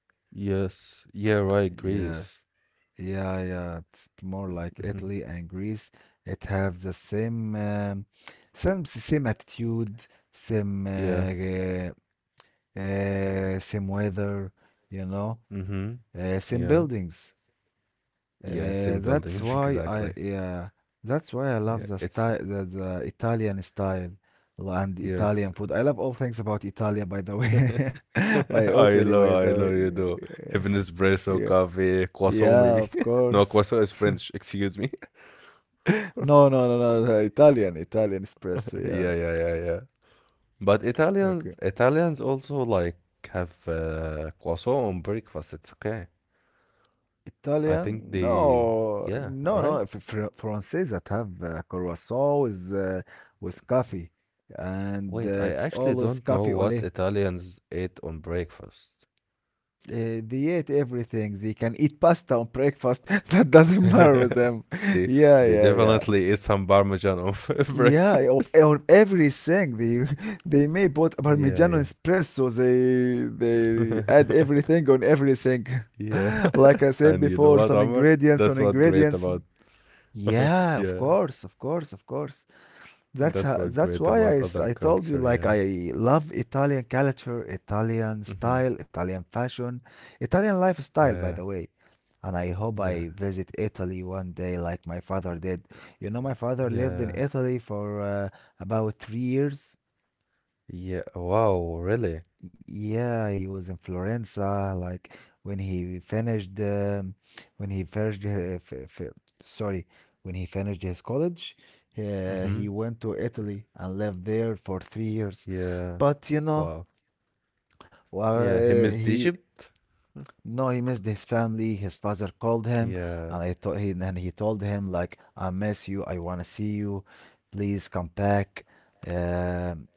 Yes. Yeah. Right. Greece.
Yes. Yeah, yeah, it's more like
Mm-hmm.
Italy and Greece. It have the same attitude, same,
Yeah.
uh, same weather, you know.
Mm-hmm. Yeah.
Same buildings.
Yeah. Same
Uh, that's
buildings.
why
Exactly.
I yeah, that's why I
Yeah.
love the
It's
style, the Italian style and
yes.
Italian food. I love all things about Italia, by the way, by
I
Italy,
know.
by
I
the
know. You do. Even
way.
espresso,
Yeah, yeah,
coffee, croissant, maybe.
yeah, of
No,
course.
croissant is French. Excuse me.
No, no, no, no, the Italian espresso. Yeah,
Yeah, yeah, yeah, yeah. But
okay.
Italians also like have croissant on breakfast. It's okay. I think
Italian?
the
No,
yeah,
no,
right?
no. Frances that have croissant with coffee, and
Wait, I
it's
actually
always
don't know
coffee au
what
lait.
Italians ate on breakfast.
They eat everything. They can eat pasta on breakfast. That doesn't matter with them.
They
Yeah,
they
yeah, yeah.
definitely eat some parmesan on
Yeah,
breakfast.
of everything. They they may put
Yeah,
Parmigiano
yeah.
espresso. They add everything on everything.
Yeah.
Like I
And
said
you know what,
before, some
Omar? That's
ingredients on
what great
ingredients.
about
Yeah, of
yeah.
course, of course, of course. That's
That's
how,
what
that's
great
why I,
about
s-
other
I told you,
culture,
like,
yeah.
I love Italian culture, Italian
Hmm.
style, Italian fashion, Italian
Yeah.
lifestyle, by the way. And I
Yeah.
hope I visit Italy one day like my father did. You know, my father lived in
Yeah.
Italy for about 3 years.
Yeah. Wow, really?
Yeah, he was in Florenza. Like when he finished, um, when he finished, uh, f f- sorry, when he finished his college,
Hmm.
he went to Italy and lived there for 3 years.
Yeah.
But you know,
Wow.
well,
Yeah, him is
he
Egypt.
no, he missed his family. His father called him,
Yeah.
and I told he and he told him, like, "I miss you. I wanna see you. Please come back." Um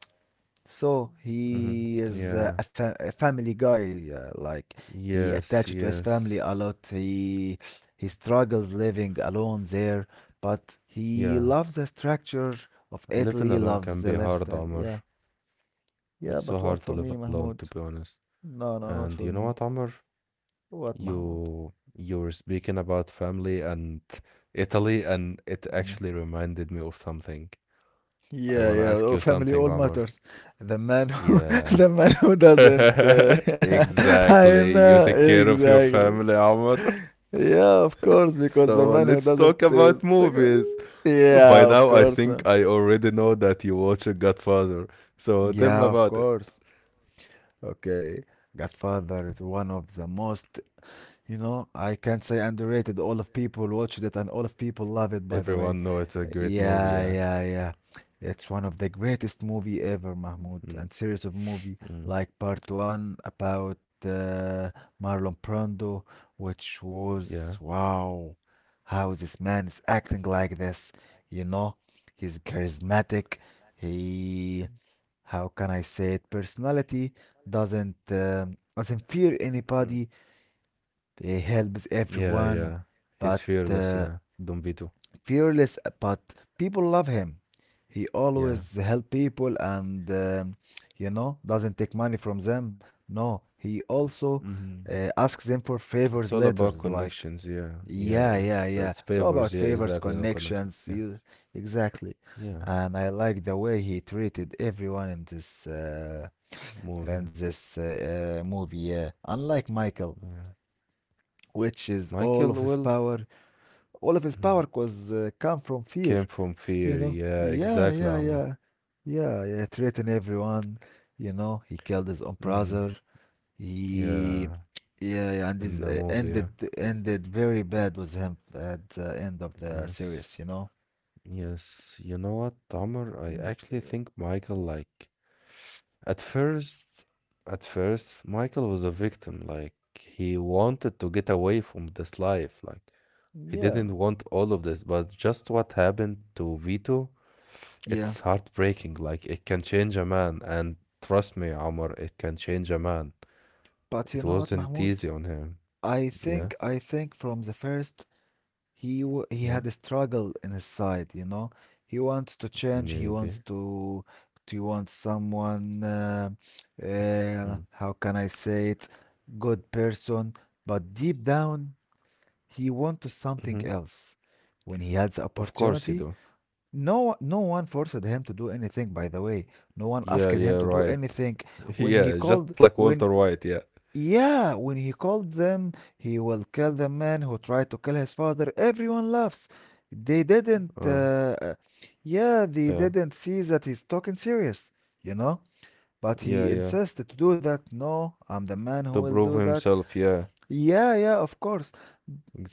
so
Hmm.
he is
Yeah.
a family guy. Like, he
Yes,
attached to his
yes.
family a lot. He struggles living alone there, but he
Yeah.
loves the structure of
Living
Italy.
alone can
Loves
be
the
hard,
lifestyle.
Amr.
Yeah, yeah.
It's so
But one
hard to
for
live
me,
alone, to
Mahmoud.
be honest.
No, no,
And
not
you
for
know
me.
what, Amr?
What, Mahmoud?
You were speaking about family and Italy, and it
Yeah.
actually reminded me of something. I
Yeah,
want to
yeah.
ask
Oh,
you
family
something,
all
Amr.
matters. The man who—
Yeah.
the man who doesn't. I
Exactly. You
know
take care of your family,
exactly.
Amr.
Yeah, of course,
So
because the man
let's
who
talk
doesn't
about movies. By
yeah, of
now, I
course,
think
man.
I already know that you watch Godfather. So tell me
Yeah, of
about it.
course. Okay. Godfather is one of the most, you know, I can't say underrated. All of people watch it and all of people love it, by the way.
Everyone know it's a great movie,
Yeah,
yeah.
yeah, yeah. It's one of the greatest movie ever, Mahmoud,
Mm,
and series of movie
mm,
like part one about Marlon Brando, which
yeah.
was wow, how this man is acting like this. You know, he's charismatic. He, how can I say it? Personality doesn't fear
Mm.
anybody. He helps
Yeah, yeah.
everyone,
He's
but
fearless, yeah. Don Vito.
fearless, but people love him. He
Yeah.
always help people and, doesn't take money from them. No, he also
Mhm.
asks them for
It's all
favors
about
later.
connections,
Like,
yeah. Yeah, yeah.
yeah,
it's
yeah,
it's
yeah. It's all
favors, yeah,
about favors,
exactly. No connection,
connections.
yeah,
You Exactly,
yeah.
and I like the way he treated everyone in this uh,
Move,
in
yeah,
this uh, uh, movie. Yeah, unlike Michael,
yeah.
which is
Michael,
all of
well,
his power all of his power was come from fear,
came from
you
fear,
know?
yeah,
Yeah,
exactly,
yeah,
Amor.
yeah. Yeah, yeah, threaten everyone, you know? He killed his own
Mm,
brother.
yeah,
He, yeah, yeah, and
in the
this
movie, yeah.
ended very bad with him at the end of the
Yes,
series, you know?
yes. You know what, Amor? I
Y-
actually think Michael, like, at first, at first, Michael was a victim. Like, he wanted to get away from this life, like. He didn't
Yeah,
want all of this, but just what happened to Vito,
yeah.
it's heartbreaking. Like, it can change a man. And trust me, Omar, it can change a man.
But you
It
know what,
wasn't
Mahmoud?
easy on him.
I
Yeah,
think I think from the first, he
yeah,
had a struggle in his side, you know. He wants to change. He wants
maybe.
to want someone.
Mhm,
How can I say it? Good person, but deep down he wants
mhm.
something else. When he had the
Of course he
opportunity,
do.
no, no one forced him to do anything. By the way, no one
Yeah,
asked him
yeah,
to do
right.
anything. When he
Yeah, just
called,
like Walter
when
White, yeah.
Yeah, when he called them, he will kill the man who tried to kill his father. Everyone laughs. They didn't,
Uh,
uh, uh, yeah, they
yeah,
didn't see that he's talking serious, you know? But
yeah,
he
yeah.
insisted to do that. No, I'm the man who
To
will
prove
do that.
himself, yeah,
Yeah, yeah, of course.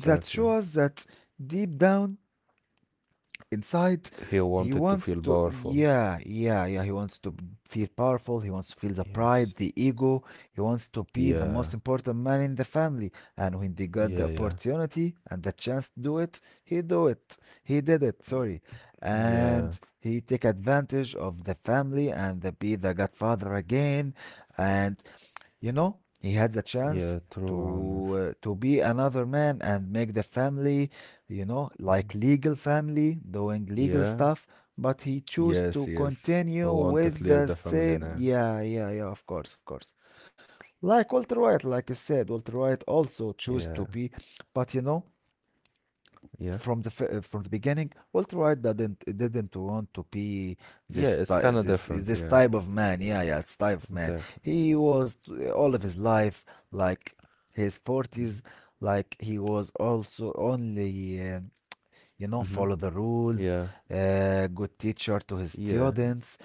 That shows that deep down inside
He
he
wanted to
wants
feel
to
powerful.
yeah, yeah, yeah, he wants to feel powerful. He wants to feel the
Yes.
pride, the ego. He wants to be the
Yeah,
most important man in the family. And when they
yeah,
got the
yeah,
opportunity and the chance to do it, he did it, sorry,
yeah.
and he take advantage of the family and, be the godfather again. And you know, he had the
Yeah,
chance
true, Omar.
to be another man and make the family, you know,
Mhm.
like, legal family, doing legal
Yeah,
stuff, but he chose to
yes, yes. I
continue
want to
with
clear
the
the family
same.
name.
Yeah, yeah, yeah, of course, of course. Like Walter White, like you said, Walter White also chose
Yeah,
to be, but you know,
yeah,
from the beginning, Walter White didn't want to be
yeah.
this
It's
ty-
kind of
this
different.
this
Yeah,
type of man. Yeah, yeah, it's type of man.
exactly.
All of his life, like his forties, like, he was also only,
Mm-hmm.
follow the rules,
Yeah,
good teacher to his
yeah.
students,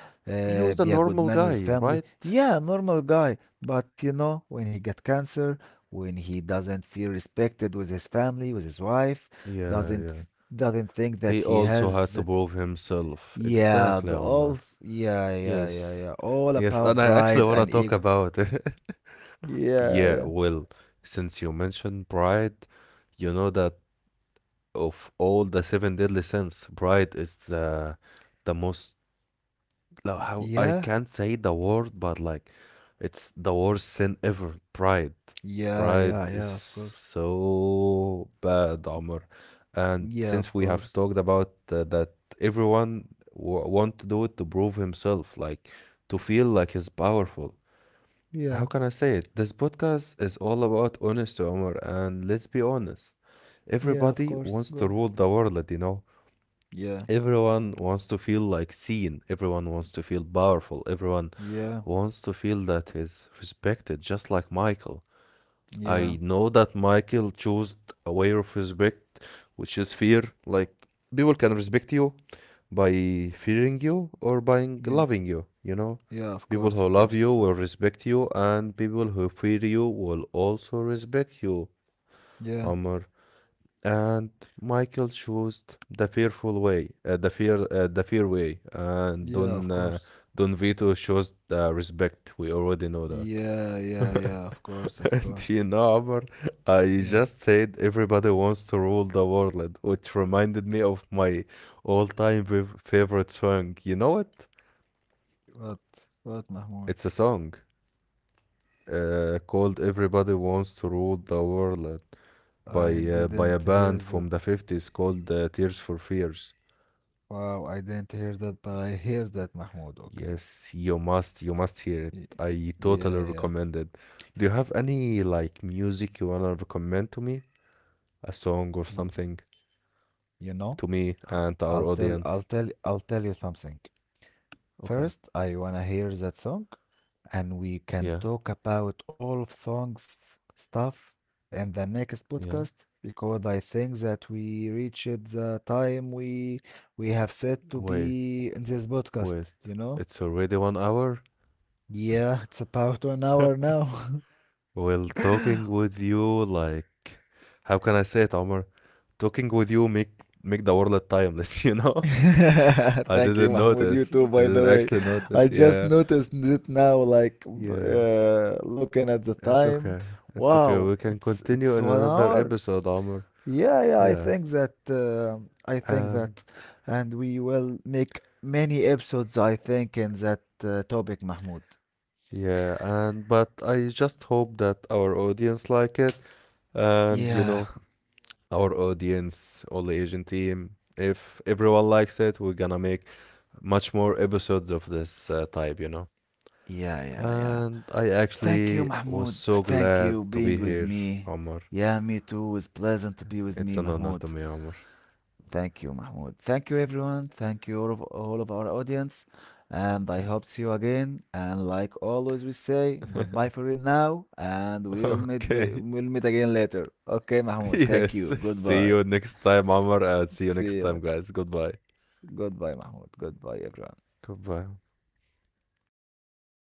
He was a
be a good
normal
man with his
guy,
family.
right?
Yeah, normal guy. But you know, when he get cancer, when he doesn't feel respected with his family, with his wife,
Yeah,
doesn't
yeah.
doesn't think
He
that he
also had to
has,
prove himself.
yeah,
Exactly, Omar.
yeah, yeah, yeah,
Yes,
yeah, all
yes. And
about
I actually
pride
want to
and
talk
ego.
about it.
Yeah,
Yeah,
yeah,
well, since you mentioned pride, you know that of all the seven deadly sins, pride is the most like, how I
yeah,
can't say the word, but like it's the worst sin ever. Pride,
yeah,
pride
yeah,
is
yeah. Of course.
so bad, Amr. And
Yeah,
since
of
we have
course.
talked about that, everyone w- want to do it to prove himself, like to feel like he's powerful. How
Yeah,
can I say it? This podcast is all about honesty, Omar, and let's be honest.
yeah,
Everybody
of
wants
course.
to
Go on.
rule the world, you know?
Yeah.
Everyone wants to feel like seen, everyone wants to feel powerful, everyone
Yeah,
wants to feel that he's respected, just like Michael.
yeah,
I know that Michael chose a way of respect, which is fear. Like, people can respect you by fearing you or by
yeah,
loving you. You know,
yeah, of
people
course,
who
of
love
course.
you will respect you, and people who fear you will also respect you,
Yeah,
Omar. And Michael chose the fearful way, the fear way, and
yeah, of course.
Don Vito chose the respect. We already know that.
Yeah, yeah, yeah, of course, of
And you
course.
know, Omar, I
Yeah.
just said everybody wants to rule the world, which reminded me of my favorite song. You know it?
What, what, Mahmoud?
It's a song called "Everybody Wants to Rule the World" by
I
by
didn't
a
hear
band
that.
from the 50s called Tears for Fears.
Wow, I didn't hear that, but I hear that, Mahmoud. Okay.
Yes, you must hear it.
Y-
I
Yeah,
totally
yeah.
recommend it. Do you have any like music you wanna recommend to me? A song or
Y-
something
You know,
to me
I-
and to our
I'll tell, I'll
audience?
tell, I'll tell you something.
Okay.
First, I wanna hear that song, and we can
Yeah.
talk about all of songs stuff in the next
Yeah.
podcast because I think that we reached the time we have set to
Wait.
be in this
Wait.
podcast, you know?
It's already 1 hour.
Yeah, it's about 1 hour now.
Well, talking with you, like, how can I say it, Omar? Talking with you make the world timeless you know,
Thank you, Mahmoud. You too,
I
by the
didn't
way.
actually
I
notice,
just
yeah.
noticed it now, like,
Yeah,
looking at the
it's
time.
okay, it's okay, we
Wow,
can
it's
continue in
it's one
another
hour.
episode, Amr.
Yeah, yeah,
yeah
I think that uh, I think
and
that and we will make many episodes, I think, in that topic, Mahmoud.
yeah, and but I just hope that our audience like it, and you know,
Yeah,
our audience, all the asian team, if everyone likes it, we're gonna make much more episodes of this type, you know.
yeah, yeah, yeah.
And I
Thank you,
actually was
Mahmoud.
so
Thank
glad
you
to
being
be
with
here,
me.
Omar.
Yeah, me too. It's pleasant to be with
It's an
me,
honor to me,
Mahmoud.
Omar.
Thank you, Mahmoud. Thank you, everyone. Thank you, all of our audience. And I
Okay.
hope see you again. And like always, we say goodbye for it now, and we'll
Okay.
meet again later. Okay, Mahmoud. Thank you.
Yes.
Goodbye.
See you next time, Omar, and see you
See you.
next time, guys. Goodbye.
Goodbye, Mahmoud. Goodbye, everyone.
Goodbye.